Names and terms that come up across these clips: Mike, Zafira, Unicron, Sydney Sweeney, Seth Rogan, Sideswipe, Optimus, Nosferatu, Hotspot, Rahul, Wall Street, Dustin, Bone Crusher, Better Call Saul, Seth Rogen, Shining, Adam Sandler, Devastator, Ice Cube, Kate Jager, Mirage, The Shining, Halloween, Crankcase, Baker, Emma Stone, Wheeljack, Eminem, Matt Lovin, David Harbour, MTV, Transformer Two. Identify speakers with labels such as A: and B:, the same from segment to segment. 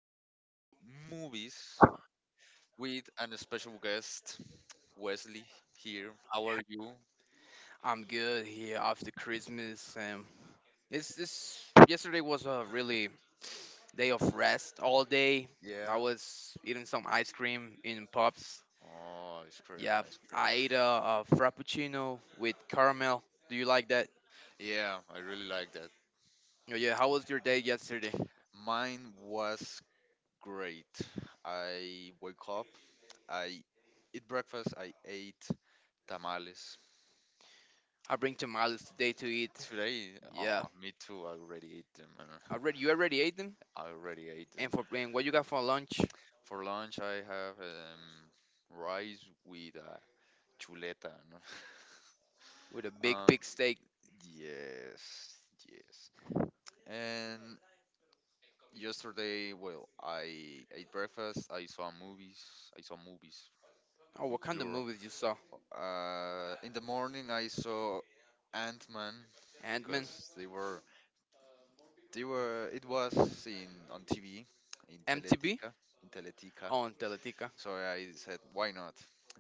A: to talk about movies with an special guest, Wesley here. How are you?
B: I'm good here after Christmas. It's this Yesterday was a really day of rest all day. I
A: Yeah.
B: was eating some ice cream in pubs.
A: Oh, ice cream,
B: Yeah,
A: ice cream.
B: I ate a frappuccino with caramel. Do you like that?
A: Yeah, I really like that.
B: Oh, yeah. How was your day yesterday?
A: Mine was great. I woke up, I eat breakfast, I ate tamales.
B: I bring tamales today to eat.
A: Today,
B: Yeah,
A: oh, me too, I already ate them.
B: already you already ate them.
A: I already ate
B: And
A: them.
B: for and what you got for lunch?
A: For lunch, I have rice with chuleta. No?
B: With a big
A: Um,
B: pig steak?
A: yes, yes. And yesterday, well, I ate breakfast. I saw movies. I saw movies
B: Oh,
A: in
B: what kind of
A: plural.
B: movies you saw?
A: In the morning, I saw Ant-Man
B: Ant Man,
A: because they were it was in on TV in
B: MTV
A: Teletica.
B: on Teletica.
A: So I said, why not?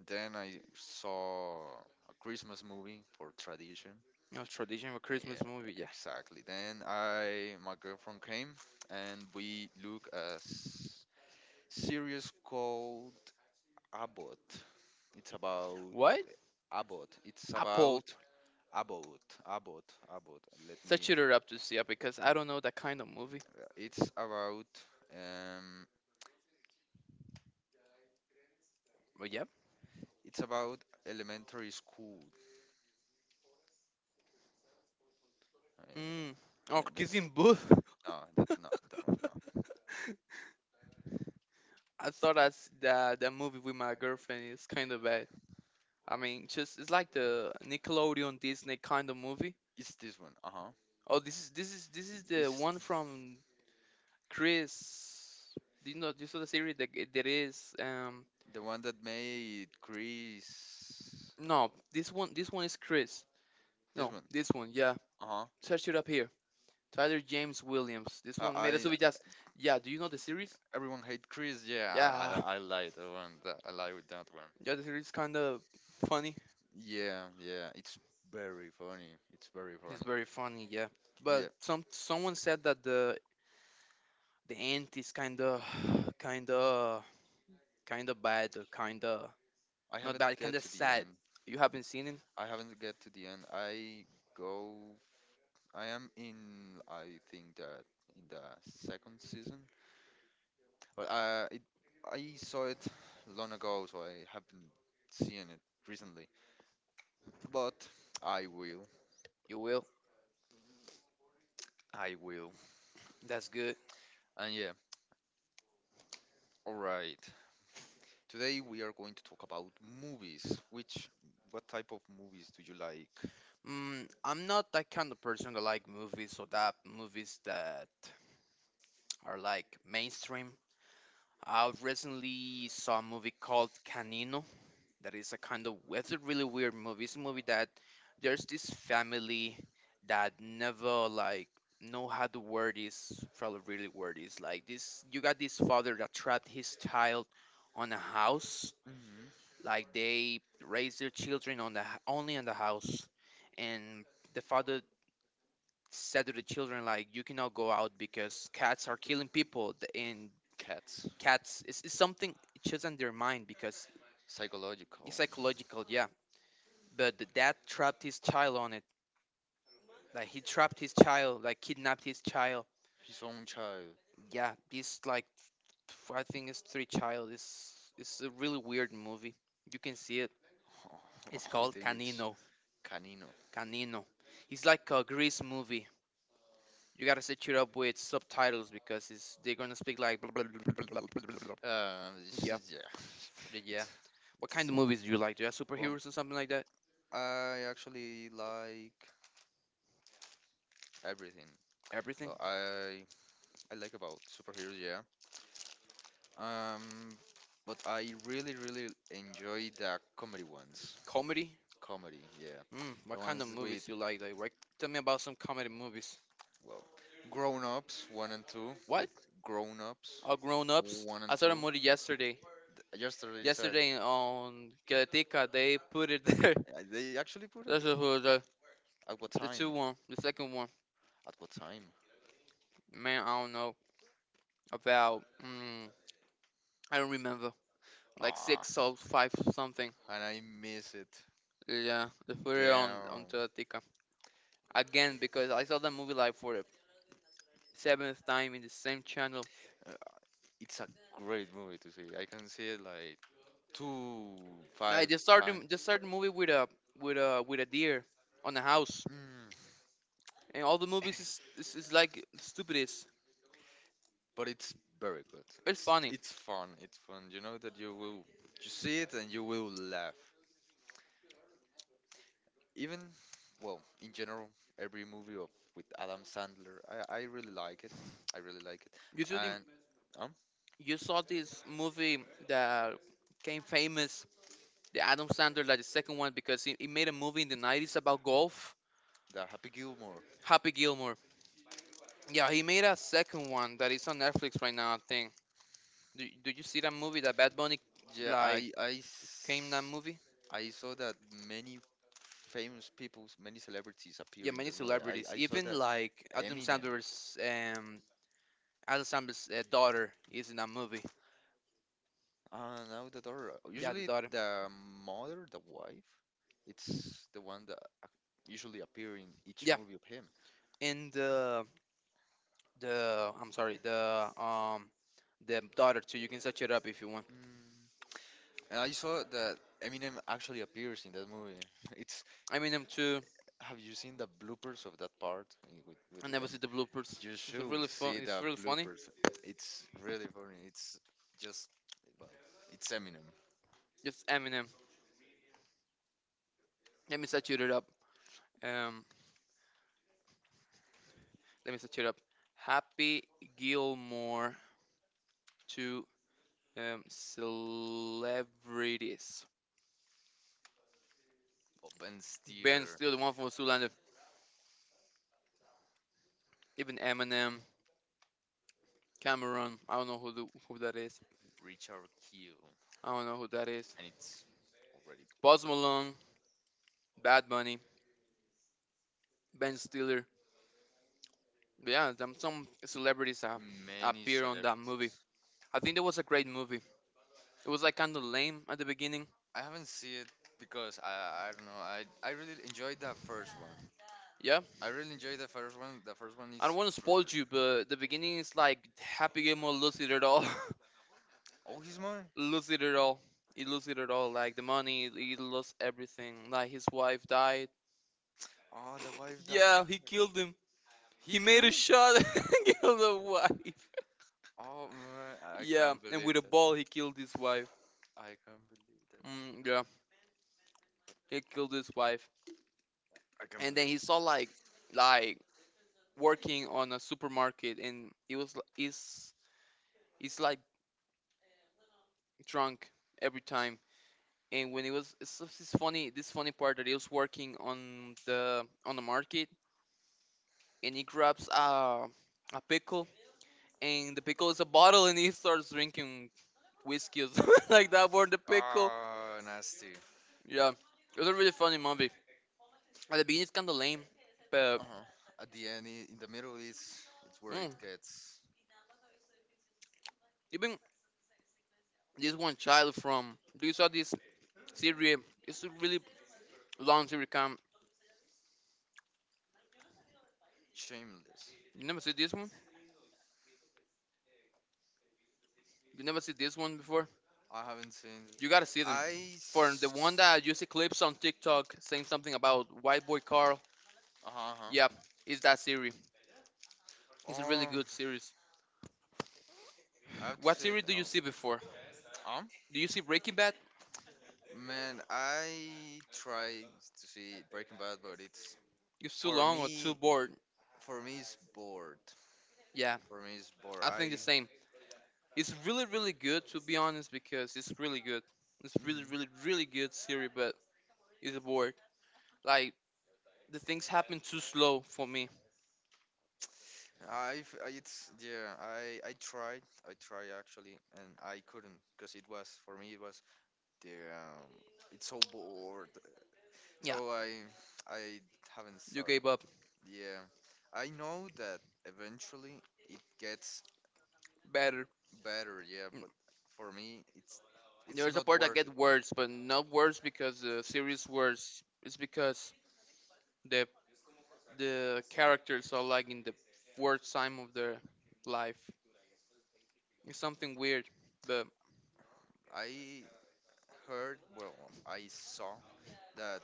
A: Then I saw a Christmas movie for tradition.
B: You know, tradition for Christmas
A: Yeah,
B: movie, yeah.
A: exactly. Then my girlfriend came, and we look a series called Abbott. It's about
B: What?
A: Abbott. It's
B: I
A: about
B: pulled.
A: Abbott. Abbott. Abbott. Let me.
B: Such it up to see it because I don't know that kind of movie.
A: It's about um.
B: But yep.
A: It's about elementary school.
B: Mm.
A: Uh, uh,
B: Oh, kissing
A: th-
B: booth.
A: no, that's not that one. No.
B: I thought that movie with my girlfriend is kind of bad. I mean, just it's like the Nickelodeon Disney kind of movie.
A: It's this one. Uh huh.
B: Oh, this is the
A: It's
B: one from Chris. Do you know? You saw the series that g- that is.
A: the one that made Chris.
B: No, this one is Chris.
A: This
B: No,
A: one.
B: this one. Yeah,
A: Uh huh.
B: search it up here. Tyler James Williams. This one made us be
A: I
B: just yeah. Do you know the series?
A: Everyone hate Chris. Yeah, I I,
B: Yeah,
A: I like that one. That, I like with that one.
B: yeah. The series kind of funny.
A: Yeah, yeah. It's very funny. It's very
B: It's
A: funny.
B: very funny. Yeah, but
A: Yeah.
B: someone said that the end is kind of kind of bad. Kind of
A: I
B: not
A: haven't
B: bad. Kind
A: get
B: of
A: to the
B: sad.
A: end.
B: You haven't seen it.
A: I haven't get to the end. I go. I am in. I think that in the second season. But I saw it long ago, so I haven't seen it recently. But I will.
B: You will.
A: I will.
B: That's good.
A: And yeah, all right. Today we are going to talk about movies. What type of movies do you like?
B: Mm, I'm not that kind of person that like movies or that movies that are like mainstream. I recently saw a movie called Canino, that is a kind of it's a really weird movie. It's a movie that there's this family that never like know how to word is probably really word is like this. You got this father that trapped his child on a house,
A: Hmm.
B: like they raise their children on the h- only on the house. And the father said to the children like you cannot go out because cats are killing people th- and
A: Cats.
B: cats it's something it's just in their mind because it's
A: Psychological.
B: psychological. Yeah, but the dad trapped his child on it. Like he trapped his child, like kidnapped his child.
A: His own child.
B: Yeah, this like f- I think it's three child. It's a really weird movie. You can see it. It's
A: I
B: called
A: think it's
B: Canino.
A: Canino.
B: Canino. It's like a Grease movie. You gotta set it up with subtitles because it's they're gonna speak like blah, blah, blah, blah, blah, blah, blah, blah. Yeah,
A: Yeah.
B: yeah. What kind
A: This-
B: of movies do you like? Do you have
A: well,
B: superheroes or something like that?
A: I actually like everything.
B: Everything?
A: Uh, I I like about superheroes, yeah. Um, but I really, really enjoy the comedy ones.
B: Comedy?
A: Comedy, yeah.
B: Mm,
A: The
B: what kind of
A: ones with,
B: movies you like? Like, what, tell me about some comedy movies.
A: well, grown ups, one and two,
B: What
A: with grown ups,
B: all grown ups.
A: one
B: I
A: and
B: saw that
A: two.
B: movie yesterday.
A: Yesterday you said.
B: Yesterday on Keletica, they put it there.
A: They actually put
B: That's
A: it.
B: just who
A: At what
B: the two
A: time?
B: one, the second one.
A: At what time?
B: Man, I don't know about. Mm, I don't remember. Like
A: Ah,
B: six or five something.
A: and I miss it.
B: Yeah, they put it
A: Damn.
B: on Teletica again because I saw that movie like for the seventh time in the same channel.
A: Uh, It's a great movie to see. I can see it like two,
B: I
A: five
B: just started
A: times.
B: Just started the movie with a with a deer on the house,
A: Mm.
B: and all the movies is is, is like stupidest.
A: But it's very good.
B: It's
A: It's
B: funny.
A: it's fun. It's fun. You know that you see it and you will laugh. Even well, in general, every movie of with Adam Sandler, I really like it. I really like it.
B: You should.
A: And um,
B: You saw this movie that came famous, the Adam Sandler, like the second one, because he made a movie in the 90s about golf,
A: the Happy Gilmore.
B: Happy Gilmore. Yeah, he made a second one that is on Netflix right now, I think. Do you see that movie that Bad Bunny,
A: Yeah,
B: like,
A: I I
B: came in that
A: s-
B: movie?
A: I saw that many famous people, many celebrities
B: Yeah,
A: appear in
B: many
A: that movie.
B: celebrities,
A: I saw
B: even
A: that
B: like
A: Eminem.
B: Adam Sandler's daughter is in that movie.
A: Now the daughter.
B: Yeah, the
A: Usually
B: daughter.
A: the mother, the wife, it's the one that ac- usually appear in each
B: Yeah,
A: movie of him.
B: and the I'm sorry, the daughter too. You can search it up if you want.
A: Mm. And I saw that Eminem actually appears in that movie. It's
B: Eminem too.
A: Have you seen the bloopers of that part eh, with
B: I
A: with it? I
B: never see
A: mean,
B: the bloopers.
A: you
B: It's a
A: should
B: really fun.
A: see
B: It's
A: the
B: really funny.
A: bloopers. It's really funny. It's just well, it's Eminem.
B: It's Eminem. Let me saturate it up. Um, Let me saturate it up. Happy Gilmore to celebrities.
A: Oh, Ben
B: Ben
A: Stiller.
B: Steele, the one from Zoolander. Even Eminem, Cameron. I don't know who that is.
A: Richard Keel,
B: I don't know who that is.
A: and it's already
B: Post Malone, Bad Bunny, Ben Stiller. But yeah, them, some celebrities
A: many
B: appear on that
A: celebrities.
B: movie. I think that was a great movie. It was like kind of lame at the beginning.
A: I haven't seen it because I don't know. I really enjoyed that first one.
B: Yeah,
A: I really enjoyed the first one. The first one
B: I don't
A: is
B: want to spoil you, but the beginning is like Happy Gilmore lose it at all,
A: oh his mom.
B: lose it at all. He lose it at all, like the money, he lost everything. Like his wife died.
A: Oh the wife died.
B: Yeah, he killed him. He
A: He
B: made a
A: killed.
B: shot and killed the wife.
A: Oh man, I
B: Yeah,
A: can't
B: and with
A: believe.
B: a ball he killed his wife.
A: I can't believe that.
B: Mm, yeah, he killed his wife.
A: I can't
B: And then he
A: believe.
B: saw like working on a supermarket, and he was l- he's like drunk every time and when it was it's this funny part that he was working on the market and he grabs a pickle and the pickle is a bottle and he starts drinking whiskey or something like that for the pickle.
A: Oh nasty.
B: Yeah, it was a really funny movie. At the beginning, it's kind of lame, but
A: Uh-huh. At the end, in the middle is it's where it
B: mm,
A: gets
B: even this one child from do you saw this series? It's a really long series. Come,
A: Shameless.
B: you never see this one? You never see this one before?
A: I haven't seen it.
B: You gotta see them.
A: I.
B: For the
A: s-
B: one that you see clips on TikTok saying something about White Boy Carl,
A: Uh huh.
B: yep, it's that series. It's a really
A: Oh,
B: good series.
A: I have to
B: What
A: say.
B: series do you
A: Oh.
B: see before?
A: Um.
B: Do you see Breaking Bad?
A: Man, I tried to see Breaking Bad, but it's
B: It's too
A: for
B: long or too
A: me.
B: bored?
A: For me, it's bored.
B: Yeah,
A: For me, it's bored.
B: I think the
A: I.
B: same. It's really, really good to be honest because it's really good. It's really,
A: Mhm.
B: really, really good series, but it's bored. Like the things happen too slow for me.
A: I've I- it's Yeah, I tried actually and I couldn't because it was for me it was the it's so bored
B: Yeah,
A: so I haven't saw
B: you
A: it.
B: gave up.
A: Yeah, I know that eventually it gets
B: Better.
A: better, yeah, but for me it's
B: There's a
A: not
B: part that
A: worth
B: get
A: it.
B: worse, but not worse because the series worse. It's because the the characters are like in the worst time of their life. It's something weird. But
A: I heard well I saw that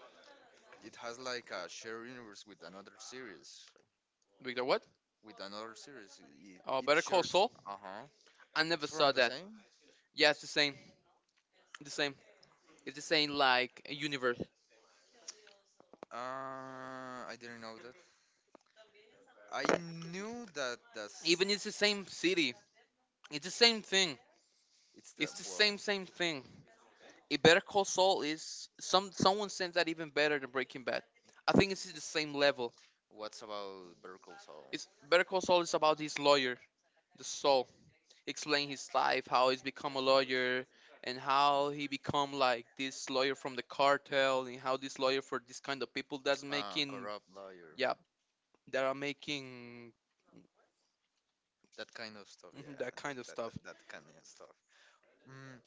A: it has like a shared universe
B: Victor, what?
A: with another series.
B: Oh,
A: It
B: Better Call
A: shares.
B: Saul.
A: Uh huh.
B: I
A: It's
B: never
A: from
B: saw
A: the
B: that.
A: same.
B: Yeah, it's the same. The same. It's the same like universe.
A: I didn't know that. I knew that that's.
B: Even it's the same city. It's the same thing.
A: It's the
B: It's the
A: well.
B: same thing. A Better Call Saul is someone says that even better than Breaking Bad. I think it's the same level.
A: What's about Berkeley Soul?
B: It's Better Call Saul is about these lawyers. The soul explain his life how he's become a lawyer and how he become like this lawyer from the cartel and how this lawyer for this kind of people that's
A: Ah,
B: making
A: corrupt lawyer.
B: yeah that are making
A: That kind of stuff.
B: mhm,
A: Yeah,
B: that kind of
A: that that,
B: stuff.
A: that kind of stuff. Mm,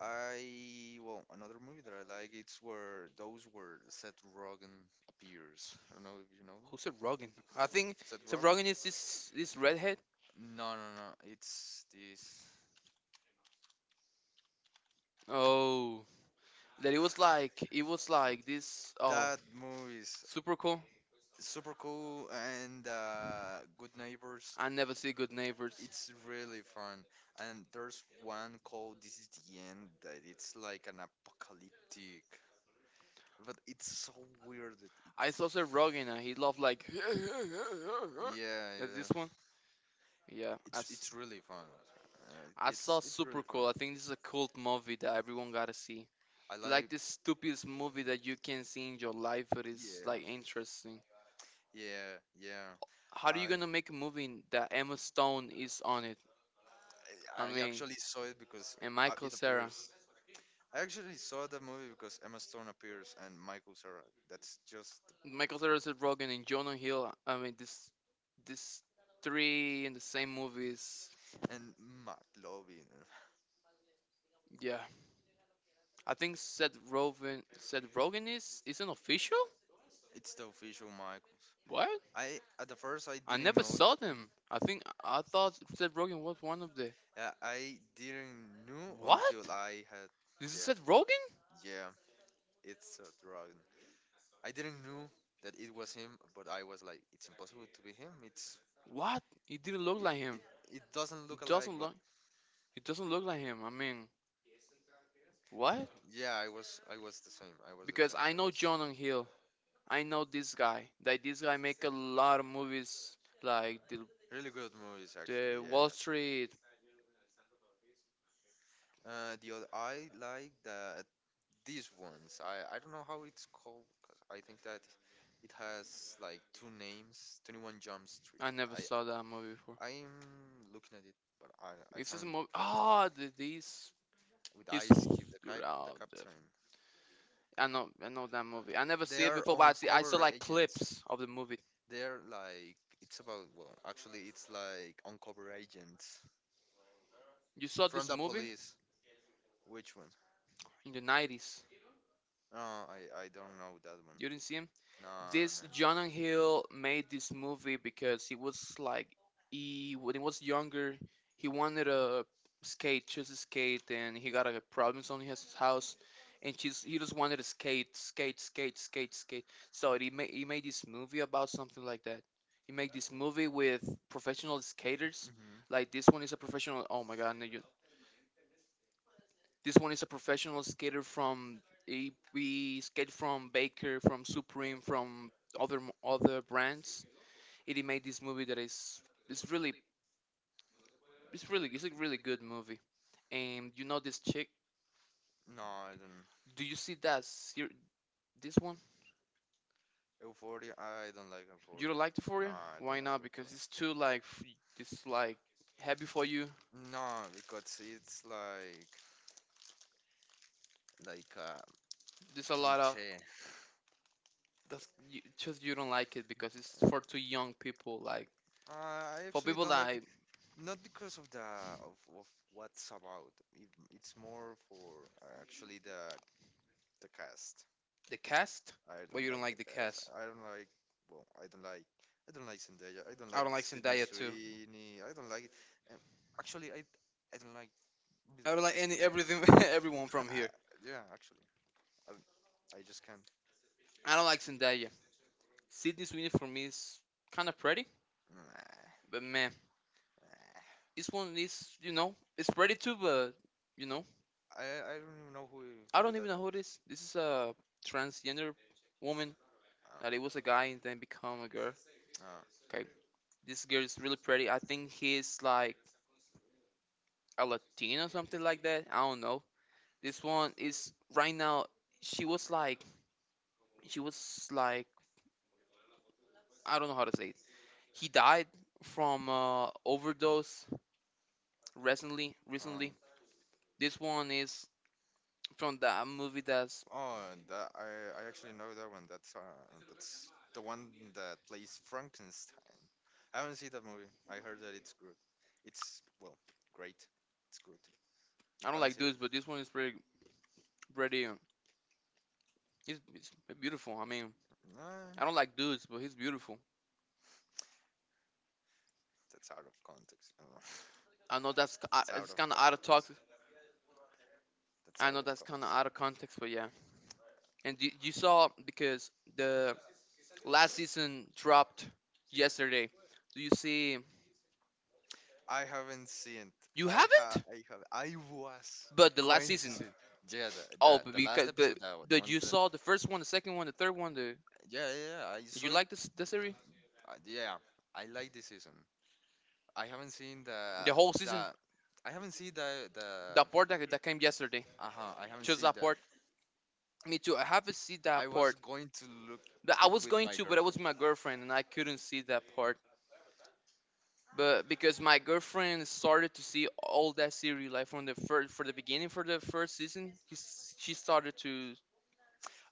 A: I well, another movie that I like. It's where Seth Rogen
B: S-
A: appears. I don't know if you know
B: who said Rogan I think
A: Seth
B: Seth
A: Rogen.
B: Rogan is this redhead
A: No, no, no. It's this.
B: oh that it was like this oh
A: That movie is
B: super cool.
A: super cool and Good Neighbors.
B: I never see good neighbors.
A: It's really fun. And there's one called This Is the End that it's like an apocalyptic, but it's so weird. That
B: I
A: it's
B: saw Seth Rogan and he loved like
A: Yeah,
B: that's this
A: yeah.
B: one yeah
A: It's really fun.
B: I
A: Uh,
B: saw
A: it's it's
B: Super
A: really fun.
B: Cool. I think this is a cult movie that everyone gotta see.
A: I
B: Like
A: like
B: this stupidest movie that you can see in your life, but it's like
A: Yeah.
B: interesting.
A: Yeah, yeah.
B: How are you
A: I
B: gonna make a movie that Emma Stone is on it? I
A: I
B: mean,
A: actually saw it because
B: and Michael
A: it
B: Sarah,
A: appears. I actually saw the movie because Emma Stone appears and Michael Cera. That's just
B: Michael Sarah is Rogen and Jonah Hill. I mean, this three in the same movies.
A: and Matt Lovin.
B: Yeah, I think Seth Rogen. Seth Rogen is an official.
A: It's the official Michael.
B: What?
A: I at the first I
B: I
A: didn't
B: never
A: know it.
B: saw them. I think I thought Seth Rogen was one of the.
A: I didn't know until
B: What?
A: I had.
B: This Is
A: Yeah,
B: it Seth Rogen?
A: yeah. It's a dragon. I didn't know that it was him, but I was like, it's impossible to be him. It's
B: What? It didn't look like
A: It
B: him.
A: it doesn't look
B: It
A: alike,
B: doesn't
A: but
B: look. It doesn't look like him. I mean, what?
A: yeah, I was the same. I was the
B: Because
A: same.
B: I
A: I
B: know
A: was
B: Jonah Hill. I know this guy. That this guy make a lot of movies like the
A: really good movies
B: the
A: actually. Yeah.
B: Wall Street.
A: The other I like these ones. I don't know how it's called 'cause I think that it has like two names. 21 Jump Street.
B: I never
A: I
B: saw that movie before.
A: I'm looking at it, but I
B: It's just a
A: haven't
B: movie. Oh, this
A: with
B: is.
A: Ice Cube, the
B: Dude,
A: cap the
B: oh, the,
A: captain.
B: I know. I know that movie. I never
A: They
B: see it
A: are
B: before, but I see. I saw
A: uncover
B: like
A: agents.
B: clips of the movie.
A: They're like it's about Well, actually it's like uncover agents
B: You saw
A: from
B: this
A: the
B: movie
A: police. Which one?
B: in the 90s.
A: No, I don't know that one.
B: You didn't see him.
A: No, no.
B: This Jonah Hill made this movie because he was like he when he was younger he wanted to skate, just to skate, and he got a problems on his house, and she's he just wanted to skate, skate, skate, skate, skate. So he made this movie about something like that. He made this movie with professional skaters.
A: Hmm.
B: Like this one is a professional. Oh my god, no, you, this one is a professional skater from he, we skate from Baker, from Supreme, from other mo- other brands. And he made this movie that is it's really it's a really good movie. And you know this chick?
A: No, I don't.
B: Do you see that this one?
A: Euphoria, I don't like
B: You
A: Euphoria.
B: don't like the for
A: No,
B: you?
A: I don't
B: Why
A: like
B: not? Because
A: Euphoria.
B: it's too like f- it's like heavy for you.
A: No, because it's like a
B: There's a lot of
A: cliche.
B: that's you, just you don't like it because it's for too young people. Like
A: I
B: for
A: actually
B: people
A: don't like it.
B: like
A: Not because of of, of what's about. It's more for actually the cast.
B: the cast,
A: I
B: but
A: don't
B: you don't
A: like
B: like
A: the
B: the
A: cast.
B: cast.
A: I don't like. Well, I don't like. I don't like Zendaya. I don't
B: I
A: like
B: don't like
A: Sydney
B: Zendaya too.
A: Sweeney. I don't like. Um, Actually, I don't like neither
B: I don't
A: of
B: like
A: these
B: any
A: people.
B: everything everyone from
A: I,
B: here.
A: yeah, actually, I don't- I just can't.
B: I don't like Zendaya. Sydney Sweeney for me is kind of pretty,
A: Nah,
B: but
A: nah.
B: man, this one is it's pretty too, but you know
A: I don't even know
B: I
A: who
B: don't
A: that
B: even know
A: guy
B: who it is. This is
A: is.
B: a transgender woman that it was a guy and then become a girl.
A: Um, uh,
B: Okay, this girl is really pretty. I think he's like a Latino or something like that. I don't know. This one is right now. She was like she was like I don't know how to say it. He died from overdose recently.
A: Um,
B: Recently, this one is from the movie that's
A: oh, that I actually know that one. That's the one that plays Frankenstein. I haven't seen that movie. I heard that it's good. It's well, great. It's good.
B: I
A: I
B: don't
A: haven't
B: like
A: seen
B: dudes, but
A: it.
B: this one is pretty pretty. He's beautiful. I mean,
A: Nah,
B: I don't like dudes, but he's beautiful.
A: that's out of context. I don't know.
B: I know that's
A: That's out
B: it's
A: of
B: kind of out
A: con.
B: of talk.
A: That's
B: I
A: out
B: know
A: of
B: that's kind of out of
A: context.
B: context, but yeah. And you saw because the last season dropped yesterday. Do you see?
A: I haven't seen
B: You
A: it. I ha
B: haven't,
A: I have I was
B: but the last
A: going to
B: season.
A: see it. Yeah, the the,
B: Oh, but
A: the last
B: because
A: episode the
B: but
A: one
B: you
A: that.
B: saw the first one, the second one, the third one. The
A: Yeah, yeah, yeah, I
B: you
A: saw it.
B: like this the series,
A: Yeah, I like this season. I haven't seen the
B: the whole season.
A: the. I haven't seen the the.
B: The port that came yesterday.
A: Uh huh. I haven't
B: Just
A: seen
B: that
A: that.
B: port. Me too. I haven't seen
A: I
B: that
A: was
B: port.
A: going to look
B: But I was
A: with
B: going
A: my
B: to, but it was
A: girlfriend.
B: my girlfriend, and I couldn't see that part. But because my girlfriend started to see all that series, like from the first, for the beginning, for the first season, she started to.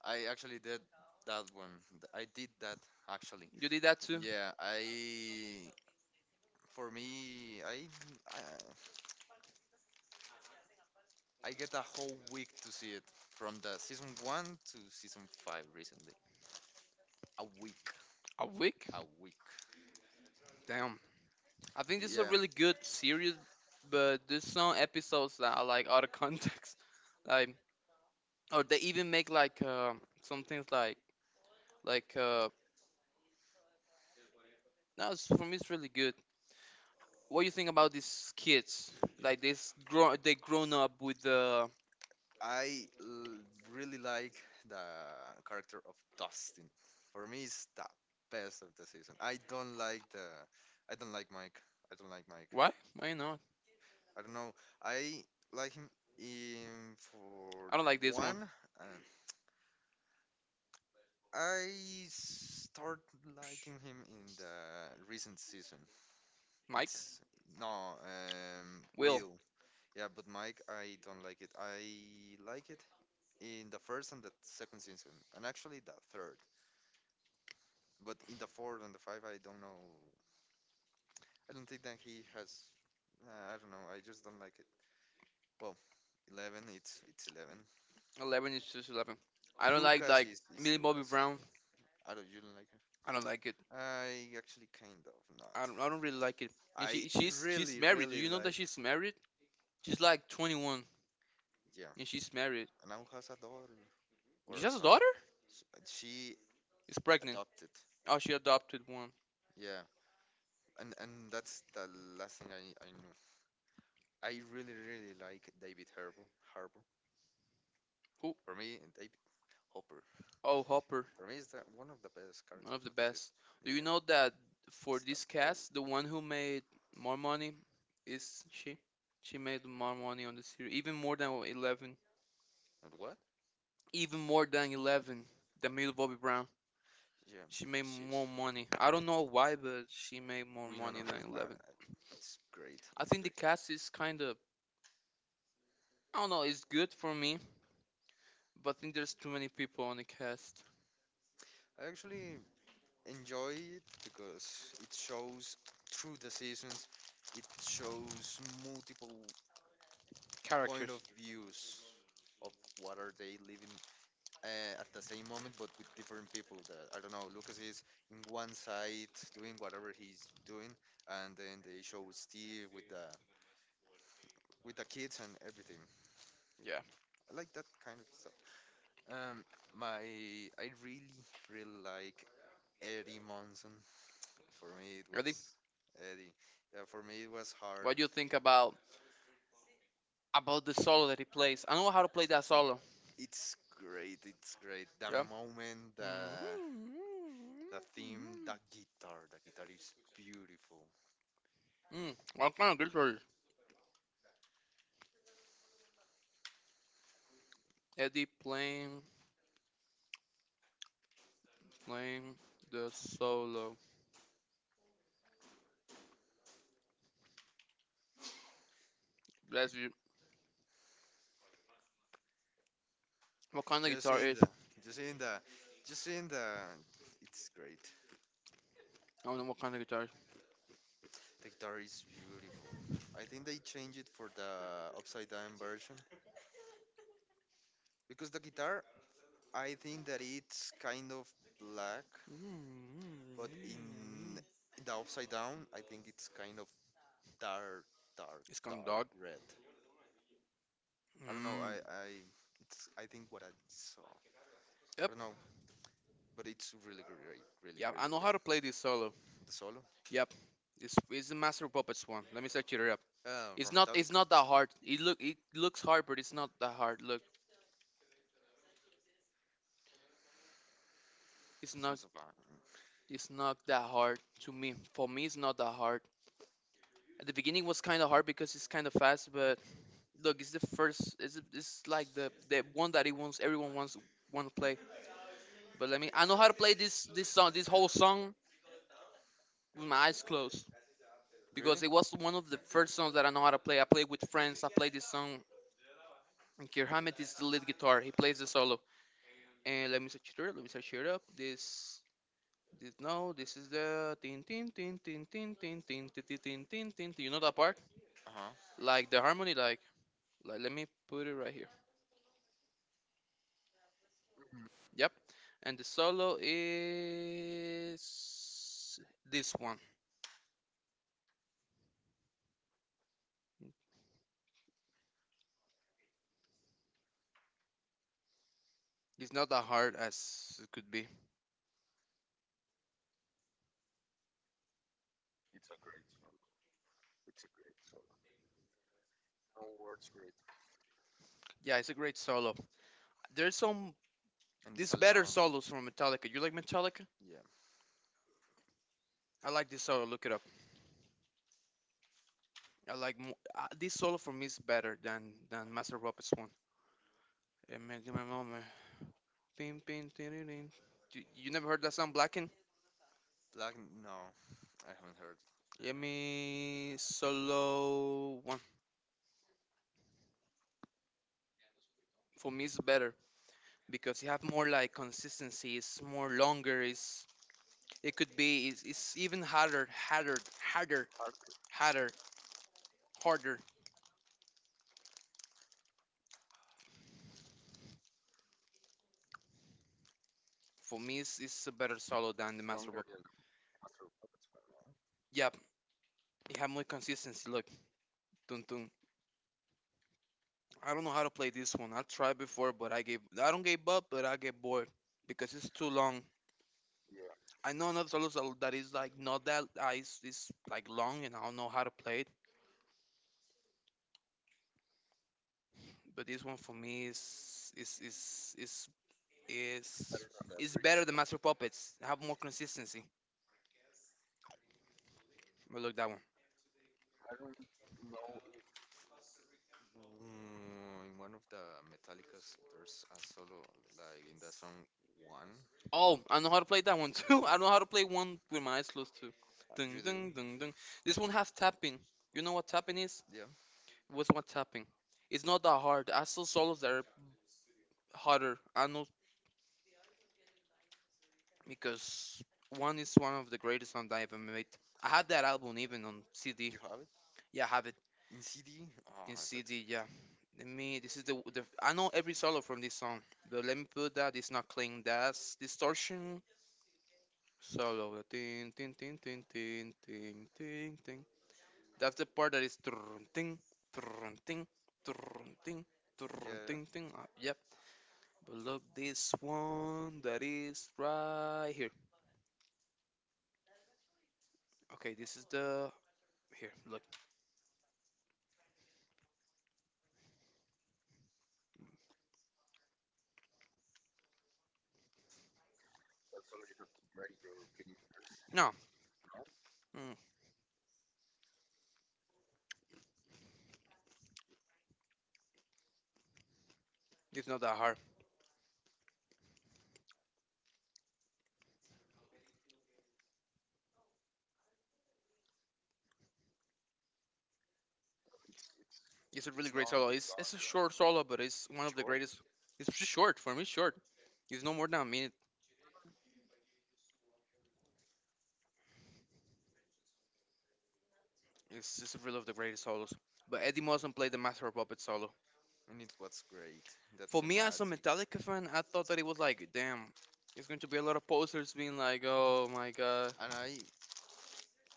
A: I actually did that one. I did that actually.
B: You did that too?
A: Yeah, I for me, I I get a whole week to see it from the season one to season five recently. A week,
B: A week?
A: a week.
B: Damn. I think this is a
A: Yeah,
B: really good series, but there's some episodes that are like out of context, like or they even make like some things like like uh, no, for me it's really good. What do you think about these kids? Like this grow they grown up with the
A: I l- really like the character of Dustin. For me, it's the best of the season. I don't like Mike. I don't like Mike.
B: why? Why not?
A: I don't know. I like him in for
B: I don't like this one.
A: one. And I start liking him in the recent season.
B: Mike,
A: It's no,
B: Will,
A: Will. Yeah, but Mike, I don't like it. I like it in the first and the second season, and actually the third. But in the fourth and the five, I don't know. I don't think that he has. I don't know. I just don't like it. Well, Eleven, it's Eleven.
B: eleven is just eleven. I don't like
A: Lucas
B: like
A: is
B: Millie Bobby
A: Lucas.
B: Brown.
A: I don't. You don't like him?
B: I don't like it.
A: I actually kind of not.
B: I don't really like it. And
A: I
B: she's
A: really
B: married. Do
A: really
B: you know that
A: like.
B: she's married? She's like 21
A: Yeah,
B: and she's married.
A: and now has a daughter
B: She
A: or a
B: has a
A: son.
B: daughter?
A: She
B: Is pregnant.
A: adopted.
B: Oh, she adopted one.
A: Yeah. And that's the last thing I knew. I really really like David Harbour. Harbour.
B: Who?
A: For me, and David Hopper.
B: Oh, Hopper.
A: For me, is that one of the best
B: One of
A: characters
B: the
A: of this is.
B: best. Do you
A: Yeah.
B: know
A: Old.
B: that for this cast, the one who made more money is she? She made more money on the series, even more than Eleven,
A: And what?
B: even more than Eleven. Than Millie Bobby Brown.
A: Yeah.
B: She made more
A: She's.
B: money. I don't know why, but she made more
A: We know
B: money
A: no,
B: than
A: right.
B: Eleven.
A: I- it's great.
B: I
A: It's.
B: think the cast is kind of I don't know. It's good for me, but I think there's too many people on the cast.
A: I actually enjoy it because it shows through the seasons. It shows multiple point of
B: Characters.
A: views of what are they living, at the same moment, but with different people. That I don't know. Lucas is in one side doing whatever he's doing, and then they show Steve with the kids and everything.
B: Yeah.
A: I like that kind of stuff. Um, my I really really like Eddie Monson. For me, it
B: Ready?
A: was Eddie. Yeah, for me, it was hard.
B: What do you think about the solo that he plays? I know how to play that solo.
A: It's great. It's great. The
B: Yeah.
A: moment, the
B: Hmm.
A: the theme, the guitar is beautiful.
B: Mm, what kind of guitar? Eddie playing the solo. That's you. What kind of guitar is?
A: Jacinda, Jacinda, Jacinda. It's great.
B: I don't know what kind of guitar. Is.
A: The guitar is beautiful. I think they changed it for the upside down version because the guitar, I think that it's kind of black,
B: Mm.
A: but in the upside down, I think it's kind of dark, dark,
B: It's kind of
A: dark
B: dog.
A: red. I don't know. I,
B: Mm.
A: I, it's. I think what I saw. I
B: Yep.
A: don't know, but it's really great, really,
B: Yep. I
A: really
B: know how
A: great.
B: to play this solo.
A: The solo,
B: Yep. It's the Master of Puppets one. Let me search it up. It's
A: from
B: not it's
A: Metallica.
B: not that hard. It look it looks hard, but it's not that hard. Look, it's not
A: Sons of Anarchy.
B: it's not that hard to me. For me, it's not that hard. At the beginning was kind of hard because it's kind of fast, but look, it's the first. It's like the one that he wants. Everyone wants want to play. But let me. I know how to play this song. This whole song with my eyes closed
A: Really?
B: because it was one of the first songs that I know how to play. I played with friends. I played this song. And Kirhamet is the lead guitar. He plays the solo. And let me search it up. Let me search it up. This. This, no, this is the tin tin tin tin tin tin tin tin tin tin tin. Tin. You know that part?
A: Uh huh.
B: Like the harmony, like let me put it right. Yep. And the solo is this one. It's not that hard as it could be. Yeah, it's a great solo. There's some
A: And it's
B: there's
A: a
B: better
A: long.
B: solos from Metallica. You like Metallica?
A: Yeah.
B: I like this solo. Look it up. I like this solo for me is better than Master of Puppets one. Give me a moment. Pin, pin, tin, tin, tin. You never heard that song Blacken?
A: Black. No, I haven't heard.
B: Let me solo one. For me, it's better because you have more like consistency. It's more longer. It's it could be it's even harder, harder, harder, harder, harder. For me, it's a better solo than the Master Bob. Yep, it have more consistency. Look, dun dun. I don't know how to play this one. I tried before, but I don't give up, but I get bored because it's too long. I know another solo that is like not that it's like long, and I don't know how to play it. But this one for me is is better than Master Puppets. Have more consistency. But look that one.
A: Mm, in one of the Metallicas, there's a solo like in the song one.
B: Oh, I know how to play that one too. I know how to play one with my eyes closed too.
A: You
B: Ding,
A: do?
B: ding, ding, ding. This one has tapping. You know what tapping is?
A: Yeah.
B: What's my tapping? It's not that hard. I saw solos that are harder. I know because one is one of the greatest songs I ever made. I had that album even on CD.
A: You have it
B: Yeah, I have it
A: in CD.
B: in
A: Oh, that's great.
B: CD. Yeah. Let me. This is the the. I know every solo from this song. But let me put that. It's not clean. That's distortion. Solo. Ting, ting, ting, ting, ting, ting, ting. Ding. That's the part that is trunting, trunting, trunting, trunting,
A: Yeah.
B: trunting. Yep. But look, this one that is right here. Okay, this is the here. Look. No, it's not that hard. It's a really
A: It's
B: great
A: not.
B: solo.
A: It's not
B: It's a short solo, but it's one of the
A: sure.
B: greatest. It's short for me. Short. It's no more than a minute. It's one of the greatest solos. But Eddie Muzzin played the Master of Puppets solo.
A: And it was great. That
B: For me, as a
A: thematic.
B: Metallica fan, I thought that it was like, damn. It's going to be a lot of posters being like, oh my god.
A: And I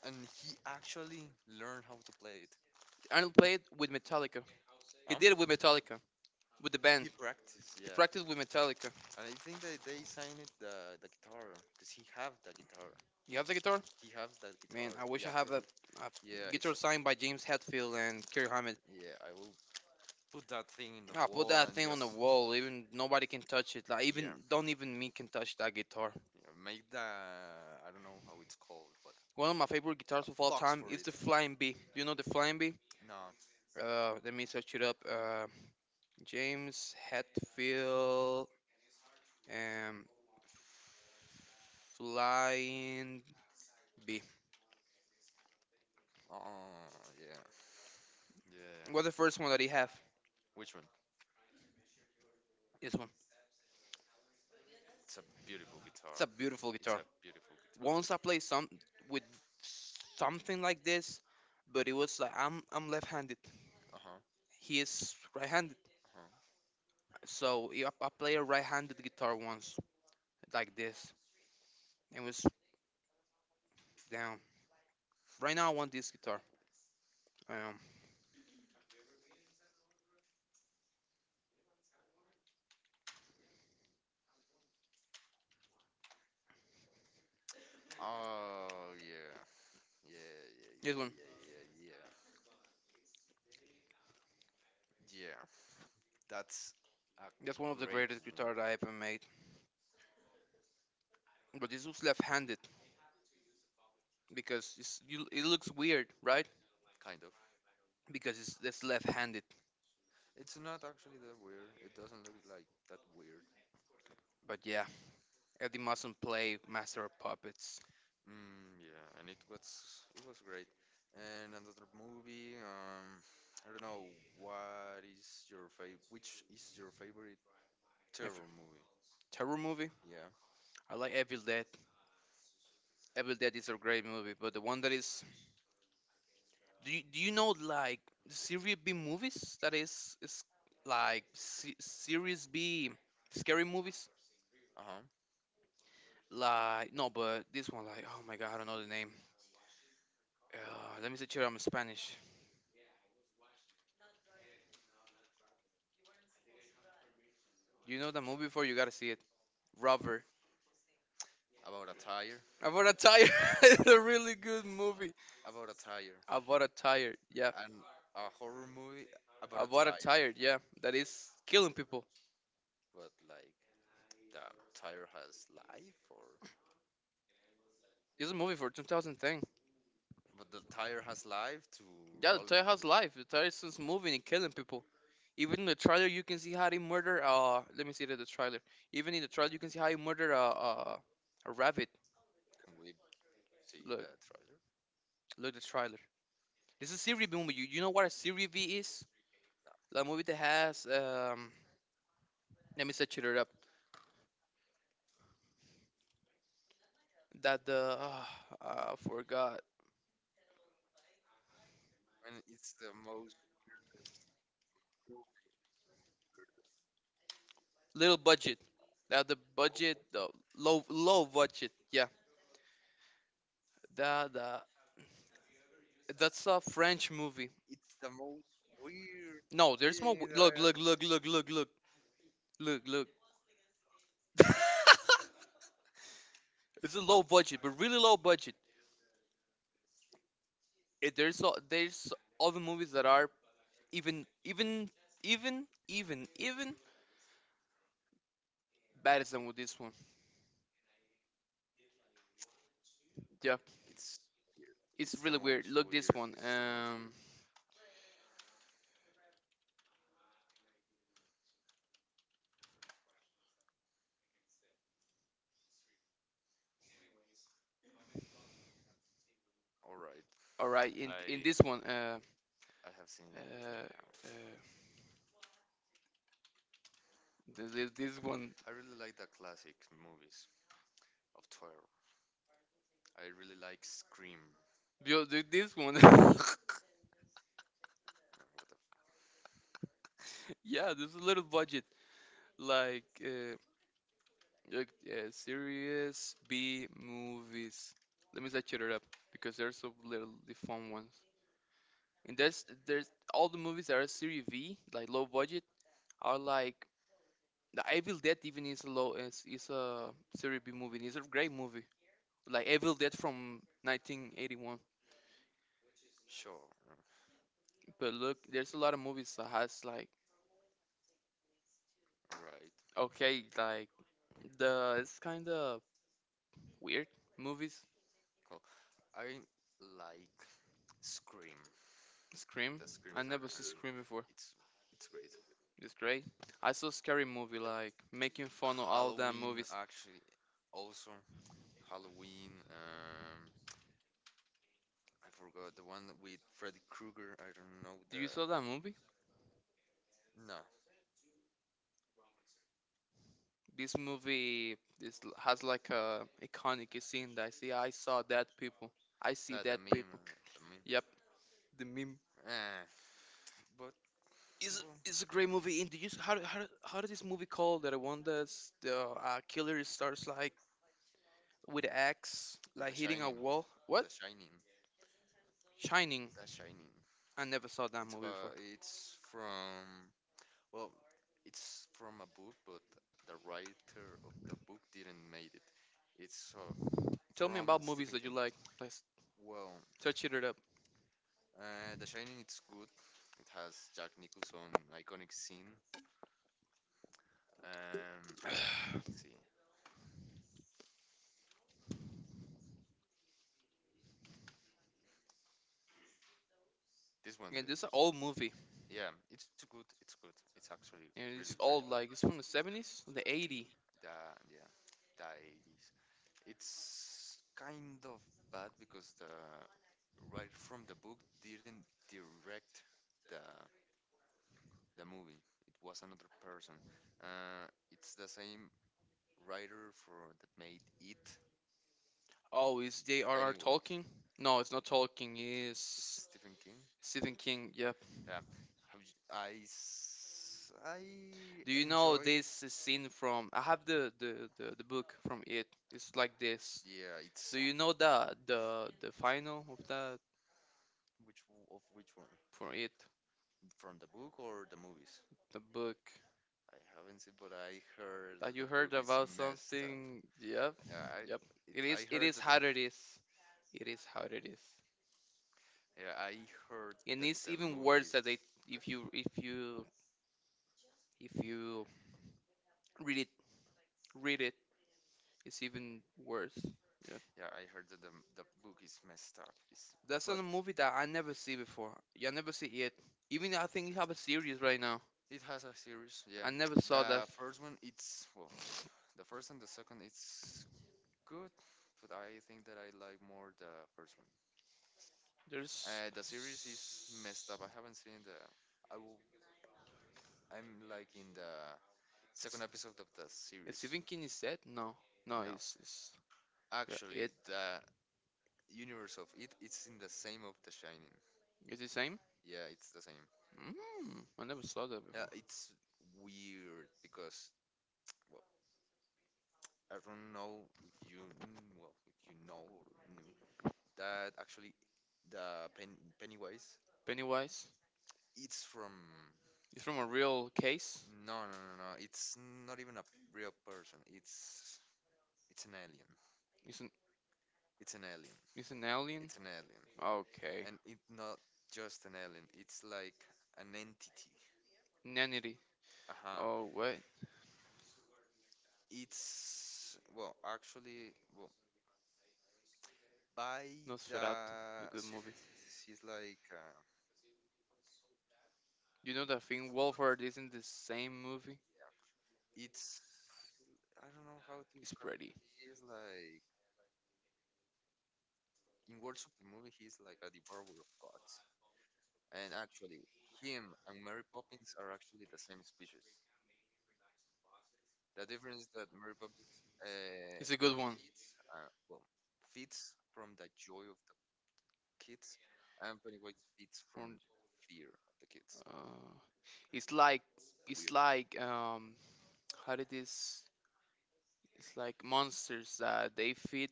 A: and he actually learned how to play it.
B: Arnold played with Metallica. He
A: Huh?
B: did it with Metallica, with the band.
A: He practiced,
B: He
A: yeah.
B: practiced with Metallica.
A: And I think that they signed it the guitar because he have the guitar.
B: You have the guitar?
A: He has that
B: Man,
A: guitar.
B: I wish
A: The
B: I
A: actor
B: have
A: has.
B: a
A: Yeah, it's.
B: guitar
A: A-
B: signed by James Hetfield and Kirk Hammett.
A: Yeah, I will put that thing in the
B: I put
A: wall
B: that
A: and
B: thing on the
A: just.
B: wall. Even nobody can touch it. Like
A: Yeah,
B: even don't even me can touch that guitar.
A: yeah. Make the I don't know how it's called, but
B: One of my favorite guitars of all
A: box
B: time
A: for
B: is
A: it.
B: the Flying B. Do you know the Flying B?
A: No.
B: Let me search it up. James Hetfield and Flying B.
A: Oh yeah, yeah,
B: What's the first one that he have?
A: yeah. Which one?
B: This one.
A: It's a beautiful guitar.
B: It's a beautiful
A: It's
B: guitar.
A: a beautiful guitar.
B: Once I played some with something like this, but it was like I'm left-handed.
A: Uh huh.
B: He is right-handed,
A: Uh-huh.
B: so yeah, I play a right-handed guitar once like this. It was damn. Right now I want this guitar. Um,
A: Oh yeah, yeah, yeah,
B: this
A: yeah,
B: one.
A: yeah, yeah, yeah. Yeah, that's a
B: That's one of the
A: great
B: greatest guitars I ever made. But this was left-handed because you, it looks weird,
A: one,
B: right?
A: kind of.
B: Because it's left-handed.
A: It's not actually that weird. It doesn't look like that weird.
B: But yeah, Eddie mustn't play Master of Puppets.
A: Mm, yeah, and it was great. And another movie, I don't know, what is your fav? Which is your favorite
B: If,
A: terror movie?
B: terror movie.
A: Yeah.
B: I like Evil Dead. Evil Dead is a great movie, but the one that is do you know like Series B movies that is like Series B scary movies?
A: Uh-huh.
B: Like no, but this one like oh my god, I don't know the name. Uh, let me see here. I'm Spanish. You know the movie before you gotta see it. Rubber.
A: About a tire.
B: I bought a tire. it's a really good movie.
A: About a tire.
B: I bought a tire. Yeah,
A: And a horror movie about
B: I
A: a
B: bought a tire.
A: tire.
B: Yeah, that is killing people.
A: But like the tire has life or
B: It's a movie for 2010.
A: but the tire has life to
B: Yeah, the
A: roll.
B: tire has life. The tire is just moving and killing people. Even in the trailer, you can see how they murder. Let me see the trailer. Even in the trailer, you can see how he murder a rabbit.
A: Can we see
B: Look,
A: the trailer?
B: look the trailer. This is Siri movie. You know what a Siri V is? The movie that has. Let me set it up. That the I forgot.
A: And it's the most weirdest.
B: Little budget. That the budget the low budget. Yeah. That that's a French movie.
A: It's the most weird
B: No, there's more.
A: thing that I
B: Look
A: have.
B: look. It's a low budget, but really low budget. It, there's all there's other movies that are even even even better than with this one. Yeah,
A: It's
B: it's
A: it's the
B: really weird.
A: most
B: Look this
A: weird.
B: one.
A: It's the most weird. All right.
B: All right, in
A: I
B: this one,
A: I have seen everything
B: uh,
A: now.
B: uh this one,
A: I really like the classic movies of 12. I really like Scream.
B: this one.
A: What the f-
B: Yeah, there's a little budget like serious B movies. Let me set it up because there's so little the fun ones. And there's all the movies that are series V, like low budget, or like the Evil Dead even is a low is a series B movie. It's a great movie. Like Evil Dead from 1981.
A: Sure.
B: But look, there's a lot of movies that has like
A: Alright.
B: okay, like the it's kind of weird movies.
A: Cool. I like Scream.
B: Scream.
A: The Scream
B: I
A: saga.
B: never
A: I
B: see
A: really-
B: Scream before.
A: It's it's great.
B: It's great. I saw scary movie like making fun of all the
A: Halloween
B: movies.
A: actually also. Halloween. I forgot the one with Freddy Krueger. I don't know
B: Do you saw that movie?
A: the. No.
B: This movie this l- has like a iconic scene that I see. I saw dead people. I see
A: The
B: dead
A: meme.
B: people.
A: The meme.
B: Yep, the meme.
A: Eh, but
B: is
A: well,
B: is a great movie. And do you s- how did this movie called that one that's the killer starts like with an axe like
A: The
B: hitting a
A: Shining,
B: wall? What?
A: The Shining,
B: Shining.
A: The Shining.
B: I never saw that
A: It's
B: movie before.
A: about it's from well, it's from a book, but the writer of the book didn't made it. It's
B: Tell me
A: from
B: about movies
A: Stephen
B: that you
A: King.
B: like. Let's
A: Well,
B: touch it up.
A: The Shining it's good. It has Jack Nicholson iconic scene. Let's see. This one,
B: And this is an old movie,
A: yeah, it's good. It's good. It's actually
B: and
A: really,
B: it's
A: really good.
B: old like it's from the 70s, the 80.
A: The yeah, the 80s. It's kind of bad because the writer from the book didn't direct the the movie. It was another person. It's the same writer for that made it.
B: Oh, is J.R.R.
A: Anyway,
B: Tolkien? No, it's not Tolkien. It's
A: Stephen King.
B: Stephen King. Yep.
A: Yeah, have you, I s- I
B: Do you know
A: enjoy.
B: this scene from? I have the book from it. It's like this.
A: Yeah, it's
B: Do you know the final of that
A: which w- of which one?
B: for it,
A: From the book or the movies?
B: the book?
A: I haven't seen, but I heard that the
B: You
A: book
B: heard
A: is
B: about
A: messed up.
B: something? Yep,
A: Yeah, I
B: yep.
A: it, I
B: It
A: heard
B: is
A: that the
B: how it is. It is how it is.
A: yeah I heard
B: And
A: that
B: it's
A: the
B: even
A: movie
B: worse
A: is
B: that they
A: the,
B: if you if you if you read it read it, it's even worse. Yeah,
A: yeah I heard that the book is messed up. It's,
B: that's
A: but
B: a movie that I never see before. You never see it. Even I think you have a series right now.
A: it has a series, yeah.
B: I never saw that.
A: The first one, it's well, the first and the second, it's good, but I think that I like more the first one.
B: There's
A: The series is messed up. I haven't seen the. I will. I'm like in the second episode of the
B: is
A: series.
B: Stephen King is dead? No, no,
A: No,
B: it's yeah,
A: actually,
B: it
A: the universe of it it's in the same of The Shining.
B: is the same.
A: Yeah, it's the same.
B: Mm, I never saw that
A: Yeah,
B: before.
A: it's weird because well, I don't know if you mm, well if you know or you knew that actually the Pen Pennywise.
B: Pennywise.
A: It's from
B: It's from a real case.
A: no no no no. It's not even a real person. It's an alien.
B: It's an
A: It's an alien.
B: it's an alien.
A: It's an alien,
B: Okay.
A: and it's not just an alien. It's like an entity.
B: Nanity.
A: Uh huh.
B: Oh wait,
A: It's well actually well by
B: Nosferatu. It's a
A: the
B: good movie.
A: series. It's like
B: You know that thing Wolford is in the same movie.
A: it's I don't know how to
B: It's
A: describe it.
B: pretty.
A: He's like in words of the movie, he's like a devourer of gods. And actually, him and Mary Poppins are actually the same species. The difference is that Mary Poppins, uh,
B: It's a good one.
A: well, feeds from the joy of the kids, and Pennywise feeds from
B: From-
A: fear of the kids.
B: uh, it's like it's like how did this? It's like monsters that they feed